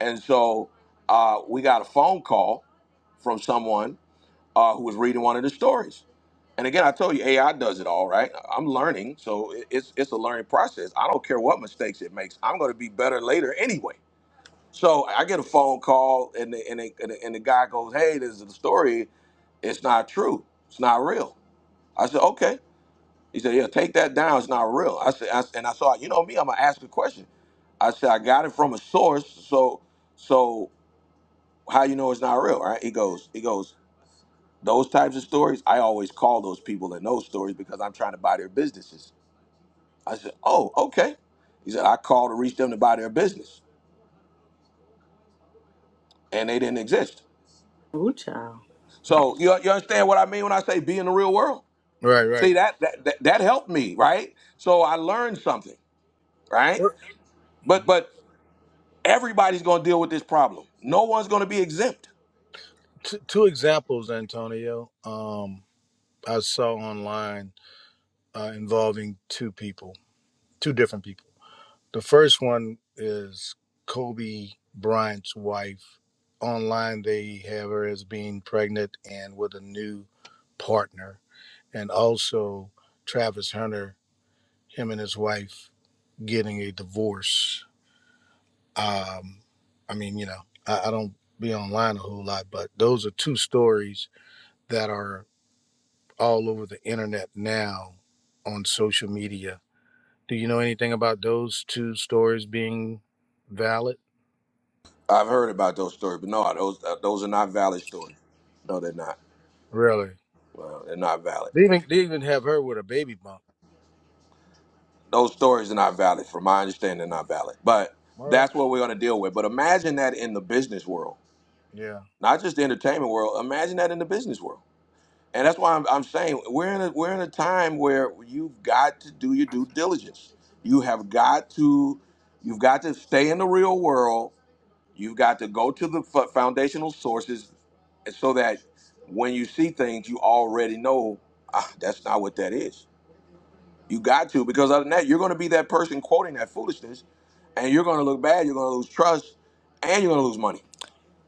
[SPEAKER 1] and so uh, we got a phone call from someone uh, who was reading one of the stories. And again, I told you AI does it all, right? I'm learning, so it- it's it's a learning process. I don't care what mistakes it makes. I'm going to be better later anyway. So I get a phone call, and the, and, the, and, the, and the guy goes, "Hey, this is the story. It's not true. It's not real." I said, "Okay." He said, "Yeah, take that down. It's not real." I said, I, and I saw, you know me, I'm gonna ask a question. I said, "I got it from a source, so so how you know it's not real?" Right? He goes, he goes. Those types of stories, I always call those people that know stories because I'm trying to buy their businesses. I said, "Oh, okay." He said, "I called to reach them to buy their business, and they didn't exist."
[SPEAKER 2] child.
[SPEAKER 1] So you, you understand what I mean when I say be in the real world?
[SPEAKER 12] Right. Right.
[SPEAKER 1] See that that that, that helped me, right? So I learned something, right?
[SPEAKER 12] What-
[SPEAKER 1] But but everybody's going to deal with this problem. No one's going to be exempt.
[SPEAKER 12] Two, two examples, Antonio. Um, I saw online. uh, involving two people, two different people. The first one is Kobe Bryant's wife. Online, they have her as being pregnant and with a new partner, and also Travis Hunter, him and his wife getting a divorce. Um, I mean, you know, I, I don't be online a whole lot, but those are two stories that are all over the internet now on social media Do you know anything about those two stories being valid?
[SPEAKER 1] I've heard about those stories, but no, those uh, those are not valid stories. No, they're not.
[SPEAKER 12] Really?
[SPEAKER 1] Well, they're not valid.
[SPEAKER 12] They even they even have her with a baby bump.
[SPEAKER 1] those stories are not valid from my understanding not valid but
[SPEAKER 12] All right.
[SPEAKER 1] that's what we're going to deal with but imagine that in the business world
[SPEAKER 12] Yeah.
[SPEAKER 1] not just the entertainment world imagine that in the business world and that's why i'm, I'm saying we're in a we're in a time where you've got to do your due diligence you have got to you've got to stay in the real world you've got to go to the fu- foundational sources so that when you see things you already know ah, that's not what that is you got to, because other than that, you're going to be that person quoting that foolishness, and you're going to look bad. You're going to lose trust, and you're going to lose money.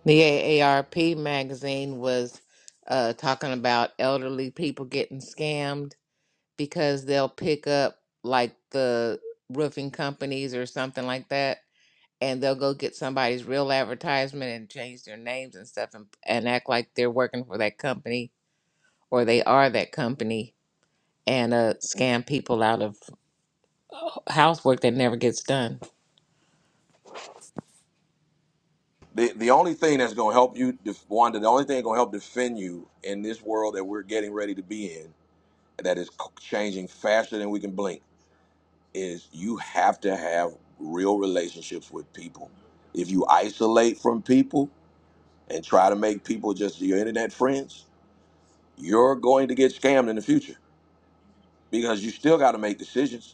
[SPEAKER 4] the AARP magazine was uh, talking about elderly people getting scammed because they'll pick up like the roofing companies or something like that and they'll go get somebody's real advertisement and change their names and stuff and, and act like they're working for that company or they are that company and uh, scam people out of housework that never gets done.
[SPEAKER 1] The the only thing that's going to help you, def- Wanda, the only thing that's going to help defend you in this world that we're getting ready to be in, that is c- changing faster than we can blink, is you have to have real relationships with people. If you isolate from people and try to make people just your internet friends, you're going to get scammed in the future because you still got to make decisions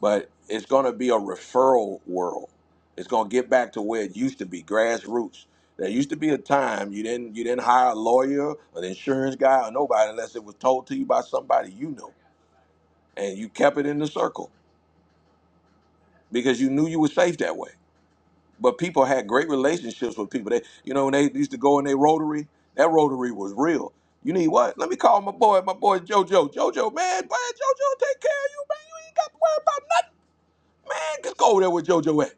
[SPEAKER 1] but it's going to be a referral world. It's going to get back to where it used to be, grassroots. There used to be a time you didn't you didn't hire a lawyer, an insurance guy, or nobody unless it was told to you by somebody you know, and you kept it in the circle because you knew you were safe that way. But people had great relationships with people. They, you know, when they used to go in their rotary, that rotary was real. You need what? Let me call my boy. My boy JoJo. JoJo, man, boy, JoJo, take care of you, man. You ain't got to worry about nothing, man. Just go over there with JoJo at.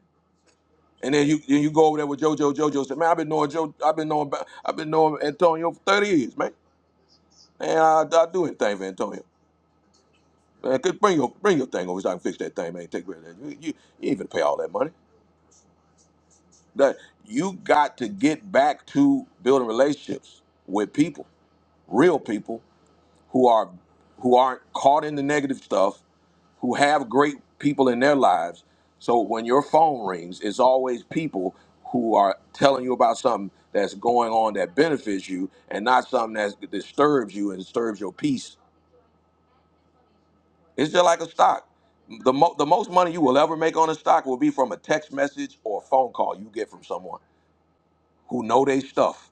[SPEAKER 1] And then you then you go over there with JoJo. JoJo said, "Man, I've been knowing Joe. I've been knowing. I've been knowing Antonio for thirty years, man. And I, I do anything for Antonio. Man, could bring your bring your thing over so I can fix that thing, man. Take care of that. You, you, you ain't gonna pay all that money. That you got to get back to building relationships with people, real people who are who aren't caught in the negative stuff who have great people in their lives. So when your phone rings, it's always people who are telling you about something that's going on that benefits you and not something that disturbs you and disturbs your peace. It's just like a stock. The, mo- the most money you will ever make on a stock will be from a text message or a phone call you get from someone who know they stuff.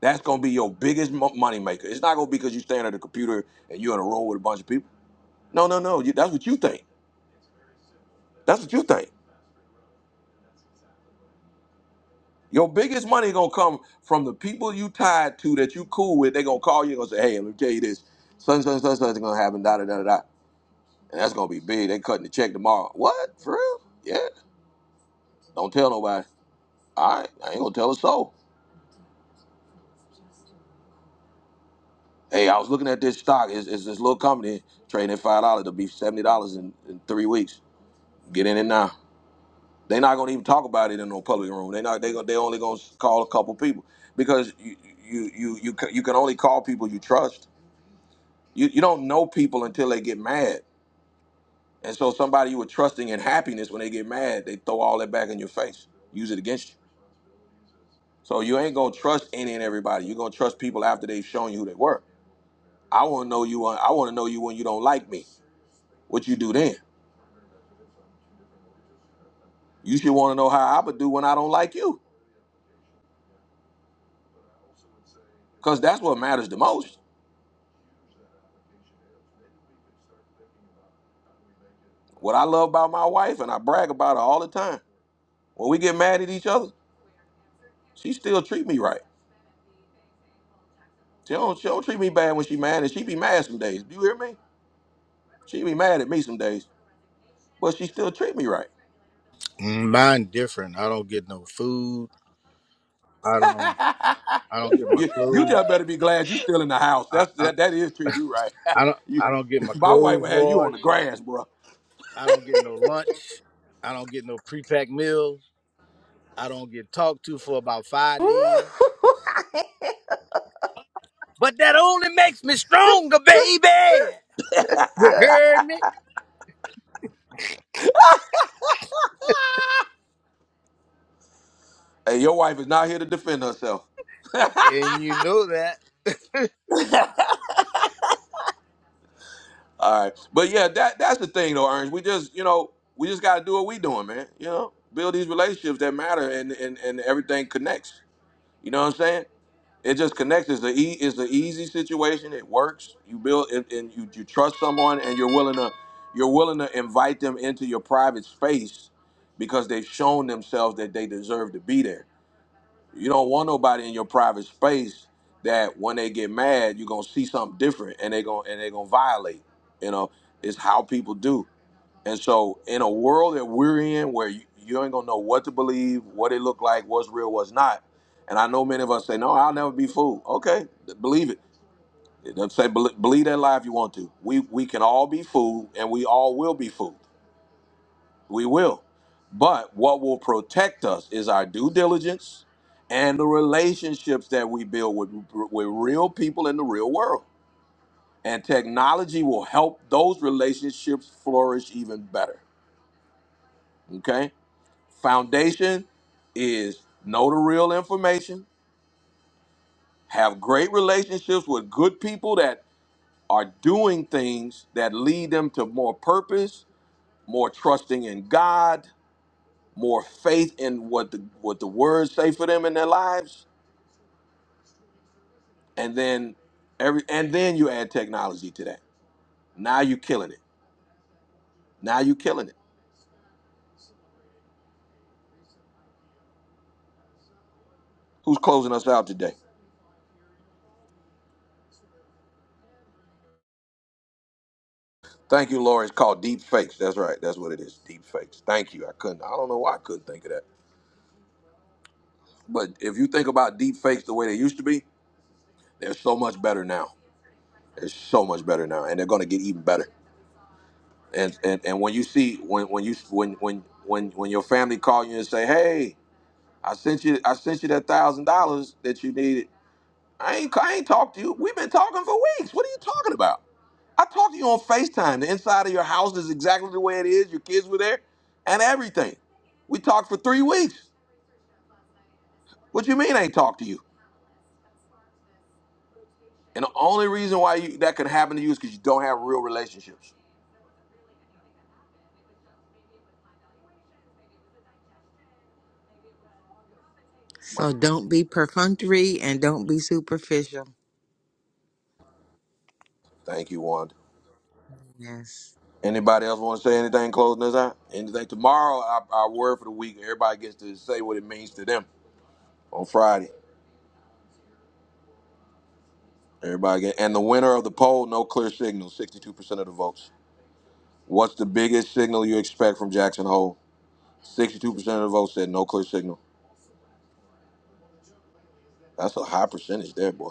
[SPEAKER 1] That's going to be your biggest mo- money maker. It's not going to be because you stand at a computer and you're in a room with a bunch of people. No, no, no. You, that's what you think. That's what you think. Your biggest money gonna come from the people you tied to that you cool with. They gonna call you and gonna say, "Hey, let me tell you this, son, son, son, son's gonna happen." Da da da da. da." And that's gonna be big. They cutting the check tomorrow. What for real? Yeah. Don't tell nobody. All right, I ain't gonna tell a soul. Hey, I was looking at this stock. It's, it's this little company trading at five dollars. It'll be seventy dollars in, in three weeks. Get in it now. They're not gonna even talk about it in no public room. They not. They gonna. They only gonna call a couple people because you you you you, you can only call people you trust You you don't know people until they get mad. And so somebody you were trusting in happiness, when they get mad, they throw all that back in your face, use it against you. So you ain't gonna trust any and everybody. You're gonna trust people after they've shown you who they were. I wanna know you when- I wanna know you when you don't like me. What you do then. You should wanna know how I would do when I don't like you. Cause that's what matters the most. What I love about my wife and I brag about her all the time. When we get mad at each other, she still treat me right. She don't, she don't treat me bad when she mad and she be mad some days. Do you hear me? She be mad at me some days, but she still treat me right.
[SPEAKER 12] Mm, Mine different. I don't get no food. I don't. I don't get my
[SPEAKER 1] you you
[SPEAKER 12] clothes.
[SPEAKER 1] just better be glad you still in the house.
[SPEAKER 12] I,
[SPEAKER 1] That's
[SPEAKER 12] I
[SPEAKER 1] that that is treat you right.
[SPEAKER 12] I don't
[SPEAKER 1] you,
[SPEAKER 12] I don't get my
[SPEAKER 1] my wife
[SPEAKER 12] clothes
[SPEAKER 1] would have you on the
[SPEAKER 12] washed.
[SPEAKER 1] grass, bro.
[SPEAKER 12] I don't get no lunch. I don't get no prepacked meals. I don't get talked to for about five days. But that only makes me stronger, baby. You heard me?
[SPEAKER 1] Hey, your wife is not here to defend herself.
[SPEAKER 12] And you know that.
[SPEAKER 1] All right, but yeah, that that's the thing though, Ernst. We just you know we just got to do what we doing, man. You know, build these relationships that matter, and and and everything connects. You know what I'm saying? It just connects. It's the e It's the easy situation. It works. You build it and you you trust someone and you're willing to you're willing to invite them into your private space because they've shown themselves that they deserve to be there. You don't want nobody in your private space that when they get mad, you're gonna see something different and they are gonna and they are gonna violate. You know, it's how people do. And so, in a world that we're in, where you, you ain't gonna know what to believe, what it looked like, what's real, what's not. And I know many of us say, "No, I'll never be fooled." Okay, believe it. It doesn't say bel- believe that lie if you want to. We we can all be fooled, and we all will be fooled. We will. But what will protect us is our due diligence and the relationships that we build with with real people in the real world. And technology will help those relationships flourish even better. Okay Foundation is know the real information, have great relationships with good people that are doing things that lead them to more purpose, more trusting in God, more faith in what the what the words say for them in their lives, and then every and then you add technology to that. Now you're killing it. Now you're killing it. Who's closing us out today? Thank you, Lori. It's called Deep Fakes. That's right. That's what it is. Deep Fakes. Thank you. I couldn't. I don't know why I couldn't think of that. But if you think about deep fakes the way they used to be, they're so much better now. They're so much better now, and they're going to get even better. And, and and when you see when when you when when when when your family call you and say, "Hey, I sent you I sent you that thousand dollars that you needed," I ain't I ain't talked to you. We've been talking for weeks. What are you talking about? I talked to you on Facetime. The inside of your house is exactly the way it is. Your kids were there, and everything. We talked for three weeks. What you mean I ain't talked to you? And the only reason why you, that could happen to you is because you don't have real relationships. Right.
[SPEAKER 4] So don't be perfunctory and don't be superficial.
[SPEAKER 1] Thank you, Wanda.
[SPEAKER 4] Yes.
[SPEAKER 1] Anybody else want to say anything closing this out? Anything tomorrow? Our, our word for the week. Everybody gets to say what it means to them on Friday. Everybody get and the winner of the poll, no clear signal, sixty-two percent of the votes. What's the biggest signal you expect from Jackson Hole? Sixty-two percent of the votes said no clear signal. That's a high percentage there, boy.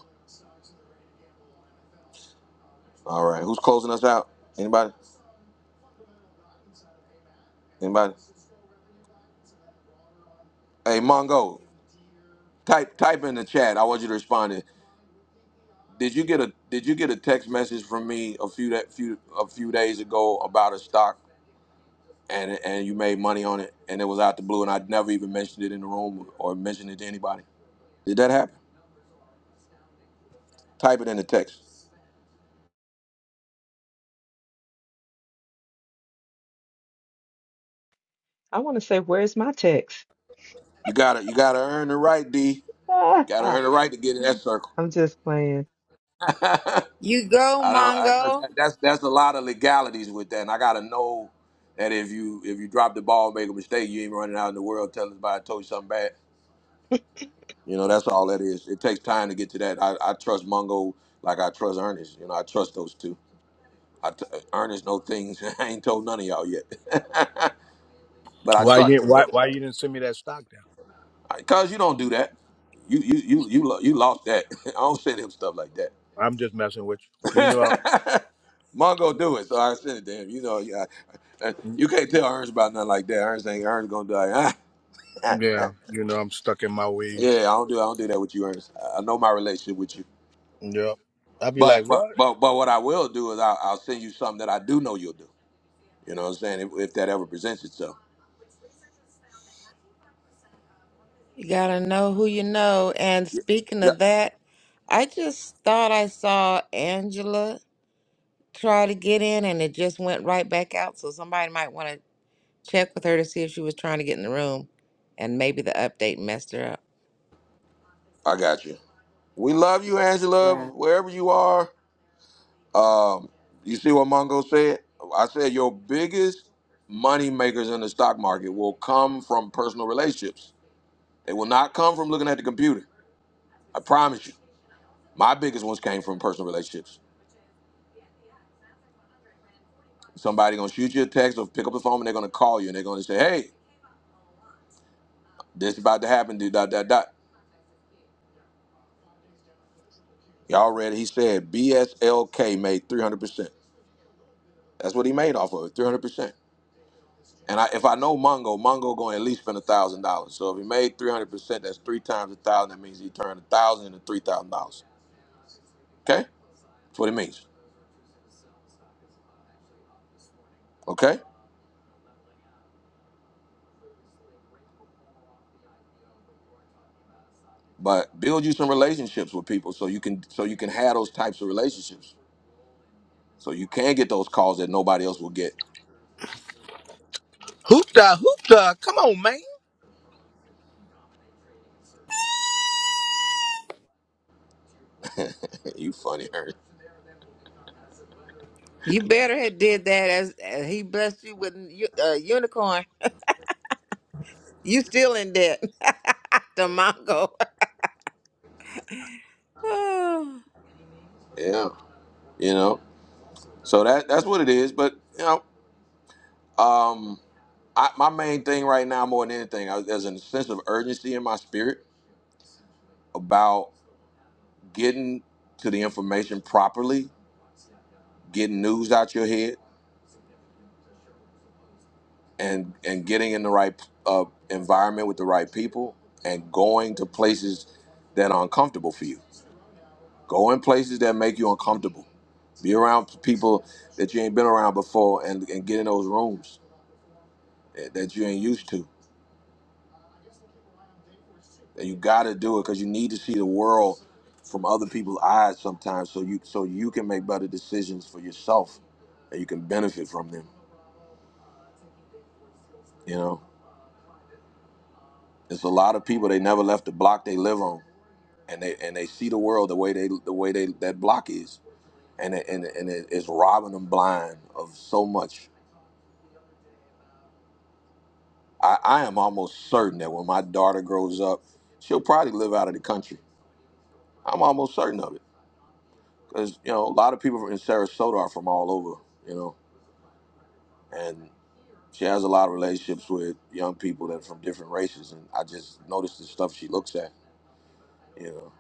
[SPEAKER 1] All right, who's closing us out? Anybody? Anybody? Hey, Mongo, type type in the chat. I want you to respond. to Did you get a Did you get a text message from me a few that few a few days ago about a stock and and you made money on it and it was out the blue and I'd never even mentioned it in the room or mentioned it to anybody? Did that happen? Type it in the text.
[SPEAKER 7] I want to say, where's my text?
[SPEAKER 1] You gotta you gotta earn the right, D. Gotta earn the
[SPEAKER 7] I'm
[SPEAKER 1] right to get in that circle.
[SPEAKER 7] just playing.
[SPEAKER 1] I
[SPEAKER 4] You go,
[SPEAKER 1] don't I, 'cause
[SPEAKER 4] Mongo.
[SPEAKER 1] that- that's that's a lot of legalities with that, and I gotta know that if you if you drop the ball and make a mistake, you ain't running out in the world telling everybody I told you something bad. You know, that's all that is. It takes time to get to that. I, I trust Mungo like I trust Ernest. You know, I trust those two. I t- Ernest know things I ain't told none of y'all yet, but I
[SPEAKER 12] why you
[SPEAKER 1] trust him
[SPEAKER 12] why
[SPEAKER 1] though.
[SPEAKER 12] why you didn't send me that stock
[SPEAKER 1] Cause you don't do that. You you you you lo- you lost that. I don't send him stuff like that.
[SPEAKER 12] I'm just messing with you. You know,
[SPEAKER 1] Mungo do it, so I send it to him. You know, yeah, uh,
[SPEAKER 12] I,
[SPEAKER 1] you can't tell Ernest about nothing like that. Ernest ain't Ernest gonna do like, ah,
[SPEAKER 12] yeah, you know, I'm stuck in my
[SPEAKER 1] yeah,
[SPEAKER 12] ways.
[SPEAKER 1] I don't do I don't do that with you, Ernest. I I know my relationship with you.
[SPEAKER 12] Yeah, I'd be
[SPEAKER 1] But
[SPEAKER 12] like,
[SPEAKER 1] but
[SPEAKER 12] what?
[SPEAKER 1] but but what I will do is I'll, I'll send you something that I do know you'll do. You know what I'm saying? If, if that ever presents itself.
[SPEAKER 4] You gotta know who you know. And
[SPEAKER 1] Y-
[SPEAKER 4] speaking
[SPEAKER 1] Yep,
[SPEAKER 4] of that, I just thought I saw Angela try to get in and it just went right back out. So somebody might want to check with her to see if she was trying to get in the room and maybe the update messed her up.
[SPEAKER 1] I got you. We love you, Angela,
[SPEAKER 2] Wow.
[SPEAKER 1] wherever you are. Um, you see what Mongo said? I said your biggest money makers in the stock market will come from personal relationships. They will not come from looking at the computer. I promise you. My biggest ones came from personal relationships. Somebody gonna shoot you a text or pick up the phone and they're gonna call you and they're gonna say, "Hey, this is about to happen." Dude, dot dot dot. Y'all read it. He said BSLK made 300%. That's what he made off of it, three hundred percent. And I, if I know Mongo, Mongo going to at least spend a thousand dollars. So if he made three hundred percent, that's three times a thousand. That means he turned a thousand into three thousand dollars. Okay, that's what it means. Okay, but build you some relationships with people so you can so you can have those types of relationships. So you can get those calls that nobody else will get.
[SPEAKER 12] Hoop da, Come on, man.
[SPEAKER 1] you funny, Ernest.
[SPEAKER 4] You better had did that as, as he blessed you with a u- a unicorn. You still in debt. the Mongo. Oh,
[SPEAKER 1] Yeah, you know. So that that's what it is. But you know, um, I, my main thing right now, more than anything, I, there's a sense of urgency in my spirit about. getting to the information properly, getting news out your head, and and getting in the right uh, environment with the right people, and going to places that are uncomfortable for you. Go in places that make you uncomfortable. Be around people that you ain't been around before, and and get in those rooms that, that you ain't used to. And you got to do it because you need to see the world from other people's eyes sometimes, so you so you can make better decisions for yourself, and you can benefit from them. You know. There's a lot of people they never left the block they live on, and they and they see the world the way they the way they that block is, and it, and it- and it, it's robbing them blind of so much. I, I am almost certain that when my daughter grows up, she'll probably live out of the country. I'm almost certain of it because you know a lot of people in Sarasota are from all over, you know, and she has a lot of relationships with young people that are from different races, and I just notice the stuff she looks at, you know.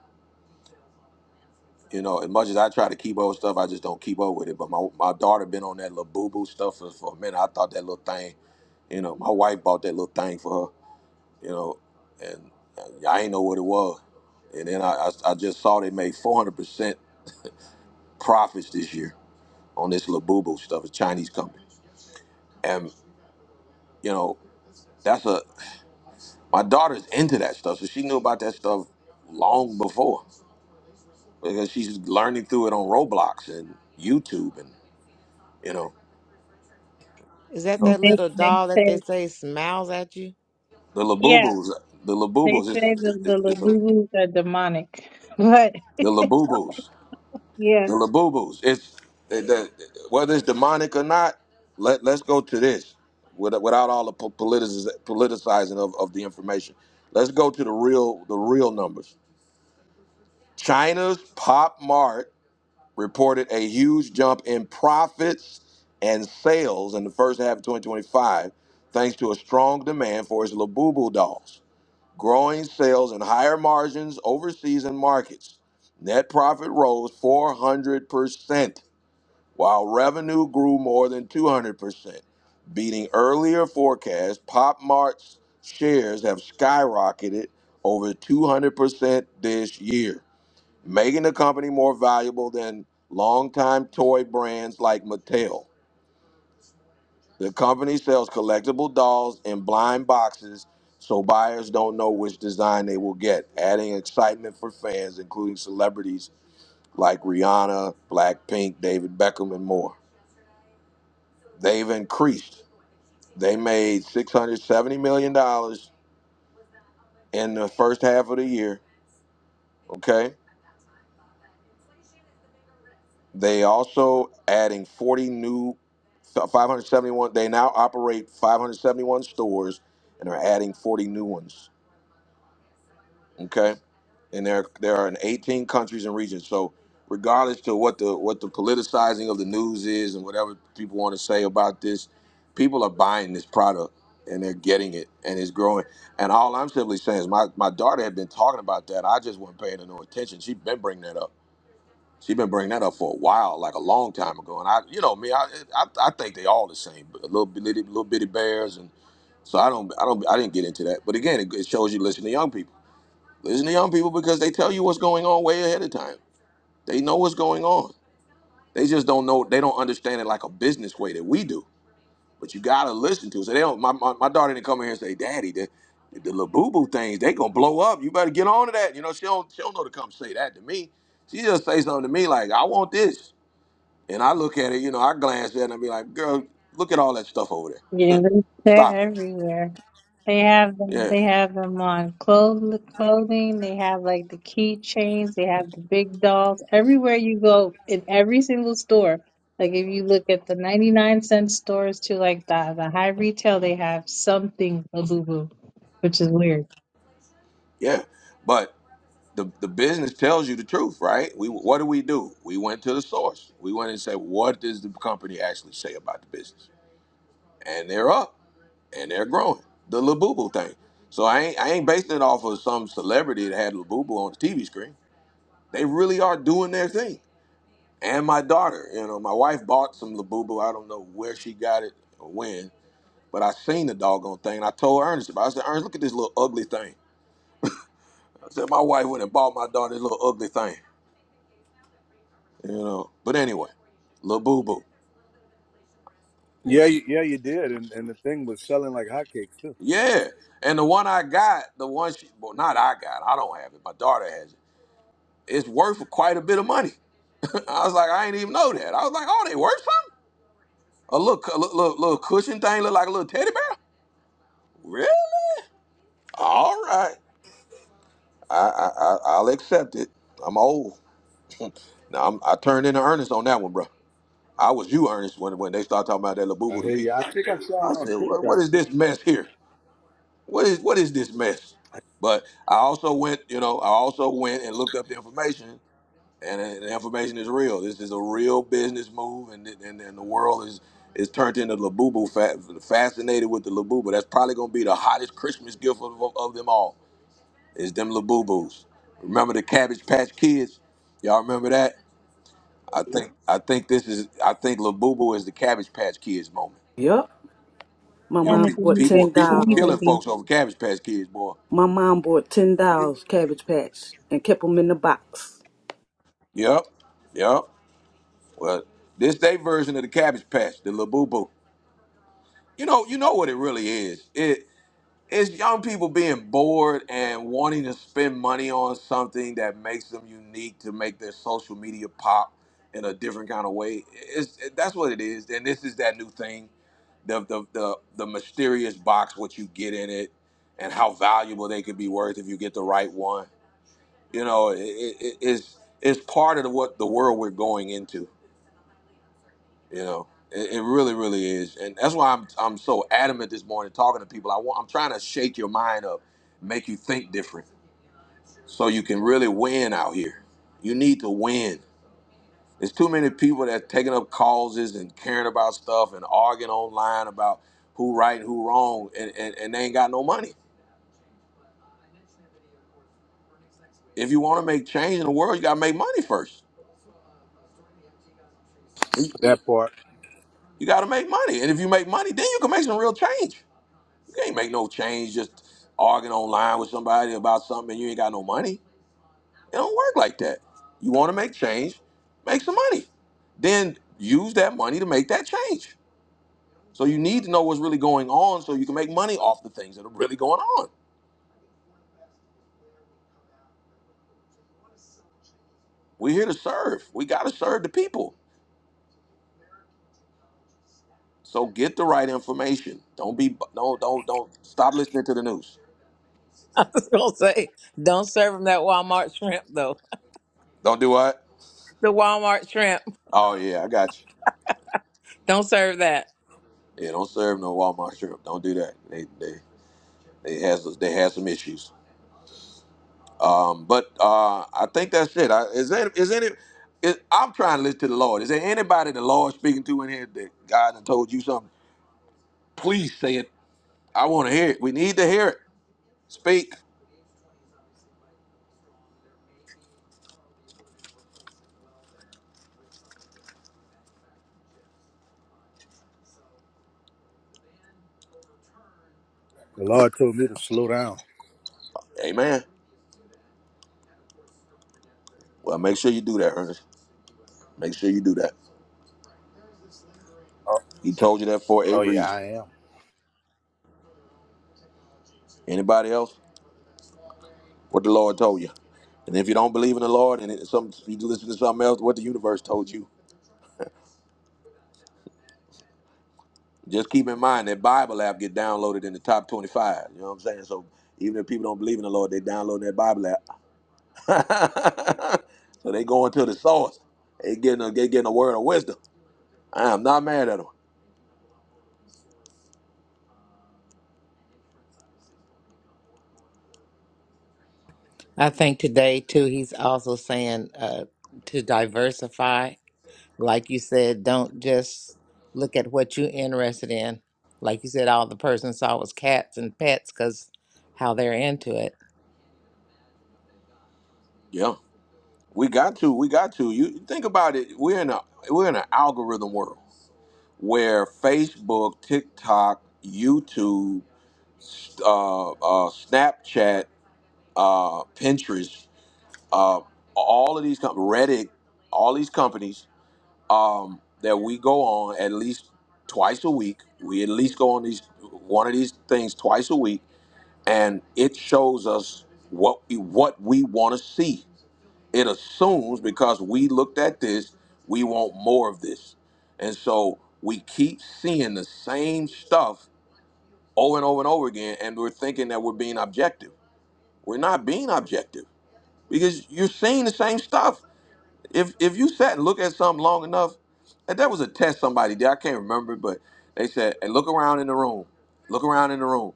[SPEAKER 1] you know, as much as I try to keep up with stuff, I just don't keep up with it. But my my daughter been on that little boo boo stuff for, for a minute. I thought that little thing, you know, my wife bought that little thing for her, you know, and uh, I ain't know what it was. And then I, I, I just saw they made 400% profits this year on this little boo boo stuff, a Chinese company. And, you know, that's a, my daughter's into that stuff. So she knew about that stuff long before because she's learning through it on Roblox and YouTube and, you know,
[SPEAKER 4] Is that
[SPEAKER 1] so.
[SPEAKER 4] that
[SPEAKER 11] They,
[SPEAKER 4] little
[SPEAKER 11] they
[SPEAKER 4] doll that
[SPEAKER 11] say,
[SPEAKER 4] they say smiles at you?
[SPEAKER 1] The
[SPEAKER 11] yeah.
[SPEAKER 1] Labubus. The
[SPEAKER 11] They
[SPEAKER 1] Labubus. It's,
[SPEAKER 11] say the the
[SPEAKER 1] it's, it's a,
[SPEAKER 11] Lagulus are demonic, but
[SPEAKER 1] the Labubus.
[SPEAKER 11] yeah,
[SPEAKER 1] The Labubus. It's it, the, whether it's demonic or not. Let Let's go to this without, without all the po- politicis- politicizing of, of the information. Let's go to the real the real numbers. China's Pop Mart reported a huge jump in profits and sales in the first half of 2025, thanks to a strong demand for its Labubu dolls. growing sales and higher margins overseas and markets. Net profit rose 400%, while revenue grew more than 200%, beating earlier forecasts. Pop Mart's shares have skyrocketed over 200% this year, making the company more valuable than longtime toy brands like Mattel. The company sells collectible dolls in blind boxes so buyers don't know which design they will get, adding excitement for fans, including celebrities like Rihanna, Blackpink, David Beckham, and more. They've increased. They made $670 million dollars in the first half of the year. Okay. They also adding 40 new 571. They now operate 571 stores and are adding 40 new ones. Okay and there there are in 18 countries and regions. So regardless to what the what the politicizing of the news is and whatever people want to say about this, people are buying this product and they're getting it and it's growing. And all I'm simply saying is my my daughter had been talking about that. I just wasn't paying her no attention. She'd been bringing that up. She'd been bringing that up for a while, like a long time ago. And I, you know me, I I, I think they all the same, but little bitty little bitty bears and. So I don't, I don't, I didn't get into that. But again, it, it shows you listen to young people Listen to young people because they tell you what's going on way ahead of time. They know what's going on. They just don't know. They don't understand it like a business way that we do. But you gotta listen to. it. So they don't. My, my, my daughter didn't come in here and say, "Daddy, the the little boo boo things they gonna blow up. You better get on to that." You know, she don't she don't know to come say that to me. She just say something to me like, "I want this," and I look at it. You know, I glance at it and I be like, "Girl, look at all that stuff over there.
[SPEAKER 11] yeah, they- they're
[SPEAKER 1] Stop it."
[SPEAKER 11] everywhere. They have them.
[SPEAKER 1] Yeah,
[SPEAKER 11] They have them on clothes, clothing. They have like the keychains. They have the big dolls. Everywhere you go, in every single store. Like if you look at the ninety nine cent stores to like the the high retail, they have something Labubu, which is weird.
[SPEAKER 1] yeah. But the, the business tells you the truth, right? We what do we do? We went to the source. We went and said, what does the company actually say about the business? And they're up and they're growing. The Labubu thing. So I ain't I ain't basing it off of some celebrity that had Labubu on the TV screen. They really are doing their thing. And my daughter, you know, my wife bought some Labubu. I don't know where she got it or when, but I seen the doggone thing. And I told Ernest about. it. I said, Ernest, look at this little ugly thing. I said, my wife went and bought my daughter this little ugly thing. You know. But anyway, Lil Boo Boo. And
[SPEAKER 12] Yeah, you, yeah, you did, and and the thing was selling like hotcakes too.
[SPEAKER 1] yeah. And the one I got, the one she well, not I got, I don't have it. My daughter has it. It's worth quite a bit of money. I was like, I ain't even know that. I was like, oh, they worth something? A little, cu- little, little little cushion thing look like a little teddy bear? Really? All right. I, I, I I'll accept it. I'm old. now I'm, I turned into Ernest on that one, bro. I was you, Ernest, when when they started talking about that little boo
[SPEAKER 12] I
[SPEAKER 1] boo to
[SPEAKER 12] hear
[SPEAKER 1] me.
[SPEAKER 12] you. I think I saw
[SPEAKER 1] I
[SPEAKER 12] it on
[SPEAKER 1] said, what, what
[SPEAKER 12] TikTok.
[SPEAKER 1] is
[SPEAKER 12] too.
[SPEAKER 1] this mess here? what is what is this mess? But I also went, you know, I also went and looked up the information, and uh, the information is real. This is a real business move, and it- and, and the world is is turned into Labubu fa- fascinated with the Labubu. That's probably gonna be the hottest Christmas gift of, of them all. Is them Labubus? Remember the Cabbage Patch Kids? Y'all remember that? I think I think this is I think Labubu is the Cabbage Patch Kids moment.
[SPEAKER 2] Yup. My
[SPEAKER 1] You know,
[SPEAKER 11] And
[SPEAKER 2] mom
[SPEAKER 1] pe-
[SPEAKER 2] bought
[SPEAKER 11] the
[SPEAKER 1] people were
[SPEAKER 2] ten
[SPEAKER 1] people were
[SPEAKER 2] dollars.
[SPEAKER 1] killing
[SPEAKER 11] baby,
[SPEAKER 1] folks over Cabbage Patch Kids, boy.
[SPEAKER 2] My mom bought ten dollars cabbage patch and kept them in the box.
[SPEAKER 1] Yep, yep. Well, this they version of the Cabbage Patch, the La Boo Boo. You know, you know what it really is. It it's young people being bored and wanting to spend money on something that makes them unique to make their social media pop in a different kind of way. It's that's what it is. And this is that new thing, the the the, the mysterious box, what you get in it, and how valuable they could be worth if you get the right one. You know, it, it, it's it's part of what the world we're going into You know, it, it really, really is, and that's why I'm I'm so adamant this morning talking to people. I want I'm trying to shake your mind up, make you think different, so you can really win out here. You need to win. There's too many people that taking up causes and caring about stuff and arguing online about who right and who wrong, and, and, and they ain't got no money. If you want to make change in the world, you gotta make money first. You,
[SPEAKER 12] That part,
[SPEAKER 1] you gotta make money, and if you make money, then you can make some real change. You can't make no change just arguing online with somebody about something and you ain't got no money. It don't work like that. You want to make change, make some money. Then use that money to make that change. So you need to know what's really going on so you can make money off the things that are really going on. We're here to serve. We got to serve the people. So get the right information. Don't be don't don't don't stop listening to the news.
[SPEAKER 4] I was gonna say, don't serve him that Walmart shrimp
[SPEAKER 1] Don't do what?
[SPEAKER 4] The Walmart shrimp.
[SPEAKER 1] Oh yeah, I got you.
[SPEAKER 4] Don't serve that.
[SPEAKER 1] Yeah, don't serve no Walmart shrimp. Don't do that. They they they has they had some issues. Um, but uh, I think that's it. I, is there, is any? Is, I'm trying to listen to the Lord. Is there anybody the Lord speaking to in here that God has told you something? Please say it. I want to hear it. We need to hear it. Speak.
[SPEAKER 12] the Lord told me to slow down.
[SPEAKER 1] Amen. Well, make sure you do that, Ernest. Make sure you do that.
[SPEAKER 12] Oh,
[SPEAKER 1] He told you that for a
[SPEAKER 12] oh yeah,
[SPEAKER 1] reason.
[SPEAKER 12] I am.
[SPEAKER 1] Anybody else? What the Lord told you? And if you don't believe in the Lord and it, some, you listen to something else, what the universe told you. just keep in mind that Bible app get downloaded in the top 25. You know what I'm saying? So even if people don't believe in the Lord, they download that Bible app. so they going to the source. They getting a, they getting a word of wisdom. I am not mad at them.
[SPEAKER 4] I think today too, he's also saying uh, to diversify. Like you said, don't just look at what you're interested in. Like you said, all the person saw was cats and pets because how they're into it.
[SPEAKER 1] Yeah, we got to. We got to. You think about it. We're in a we're in an algorithm world where Facebook, TikTok, YouTube, uh, uh, Snapchat, uh, Pinterest, uh, all of these com- Reddit, all these companies um, that we go on at least twice a week. We at least go on these one of these things twice a week, and it shows us what we, what we want to see. It assumes because we looked at this, we want more of this, and so we keep seeing the same stuff over and over and over again, and we're thinking that we're being objective. We're not being objective because you're seeing the same stuff if if you sat and looked at something long enough, and there was a test somebody did, I can't remember, but they said, "Hey, look around in the room, look around in the room,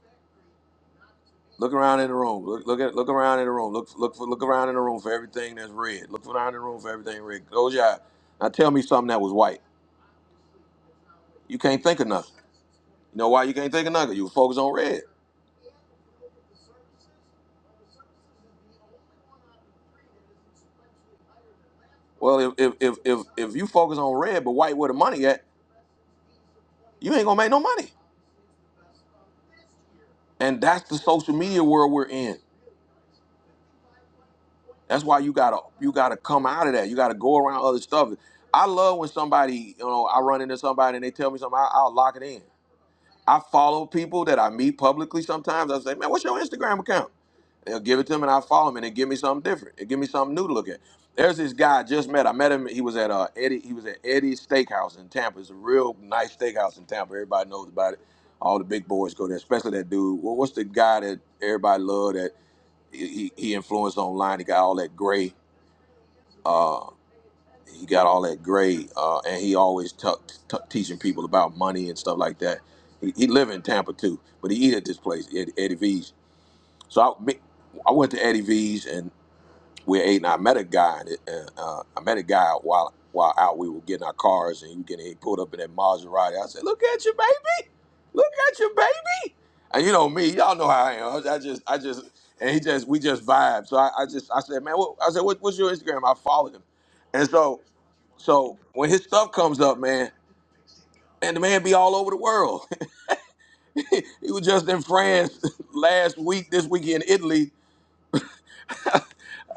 [SPEAKER 1] look around in the room, look look at look around in the room, look look for, look around in the room for everything that's red, look around in the room for everything red. Close your eye. Now tell me something that was white. You can't think of nothing. You know why you can't think of nothing? You focus on red. Well, if if if if, if you focus on red, but white where the money at, you ain't gonna make no money. And that's the social media world we're in. That's why you gotta you gotta come out of that. You gotta go around other stuff. I love when somebody, you know, I run into somebody and they tell me something, I, I'll lock it in. I follow people that I meet publicly sometimes. I say, man, what's your Instagram account? They'll give it to them and I follow them and they give me something different. They give me something new to look at. There's this guy I just met. I met him. He was at uh, Eddie. He was at Eddie's Steakhouse in Tampa. It's a real nice steakhouse in Tampa. Everybody knows about it. All the big boys go there, especially that dude. What what's the guy that everybody loved that he he influenced online? He got all that gray. Uh, he got all that grade, uh, and he always tuck tuck- teaching people about money and stuff like that. He, he live in Tampa too, but he eat at this place, Ed, Eddie V's. So I, me, I went to Eddie V's and we ate, and I met a guy. And uh, uh, I met a guy while while out. We were getting our cars, and he, was getting, he pulled up in that Maserati. I said, "Look at you, baby! Look at you, baby!" And you know me, y'all know how I am. I just, I just, and he just, we just vibe. So I, I just, I said, "Man, what, I said, what, what's your Instagram?" I followed him, and so. So when his stuff comes up, man, and the man be all over the world. he was just in France last week, this week in Italy.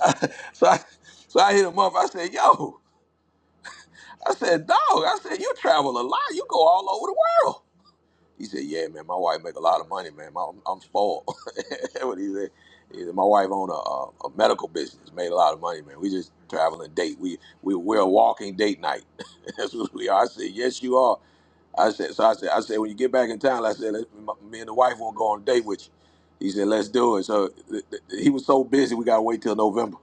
[SPEAKER 1] so I so I hit him up. I said, yo, I said, dog, I said, you travel a lot. You go all over the He said, "Yeah, man, my wife make a lot of money, man. My, I'm spoiled." That's what he said. He said, "My wife own a, a, a medical business, made a lot of money, man. We just travel and date. We we we're a walking date night. That's what we are." I said, "Yes, you are." I said, "So I said, I said, when you get back in town, I said, let, m me and the wife won't go on a date with you." He said, "Let's do it." So th- th- he was so busy, we gotta wait till November.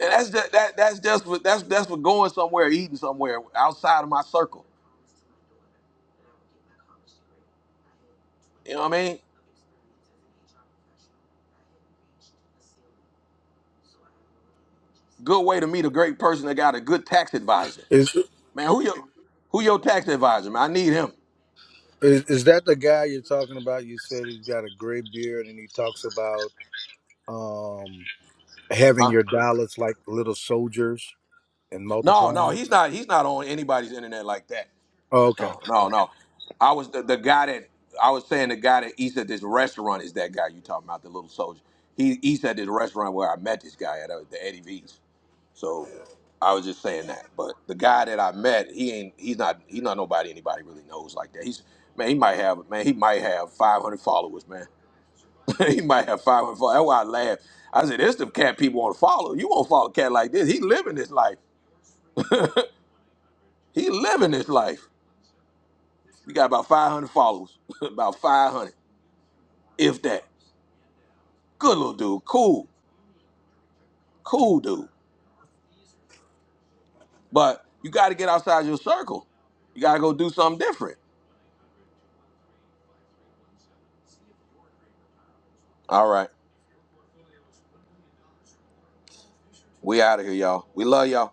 [SPEAKER 1] And that's just, that that's just for, that's that's for going somewhere, eating somewhere outside of my circle. You know what I mean? Good way to meet a great person that got a good tax advisor.
[SPEAKER 12] Is,
[SPEAKER 1] Man, who your who your tax advisor? Man, I need him.
[SPEAKER 12] is is that the guy you're talking about? You said he's got a gray beard and he talks about um having
[SPEAKER 1] Huh?
[SPEAKER 12] your dollars like little soldiers and
[SPEAKER 1] No, no,
[SPEAKER 12] multiplying.
[SPEAKER 1] he's not. He's not on anybody's internet like that.
[SPEAKER 12] Oh, okay.
[SPEAKER 1] No, no, no. I was the, the guy that I was saying. The guy that eats at this restaurant is that guy you talking about, the little soldier. He eats at this restaurant where I met this guy at uh, the Eddie V's. So I was just saying that. But the guy that I met, he ain't. He's not. He's not nobody anybody really knows like that. He's man. He might have man. He might have 500 followers, man. he might have five and four. That's why I laughed. I said, "This the cat people want to follow. You won't follow a cat like this. He living this life. he living this life. We got about 500 followers, about 500, if that. Good little dude, cool, cool dude. But you got to get outside your circle. You got to go do something different. All right, we out of here, y'all. We love y'all.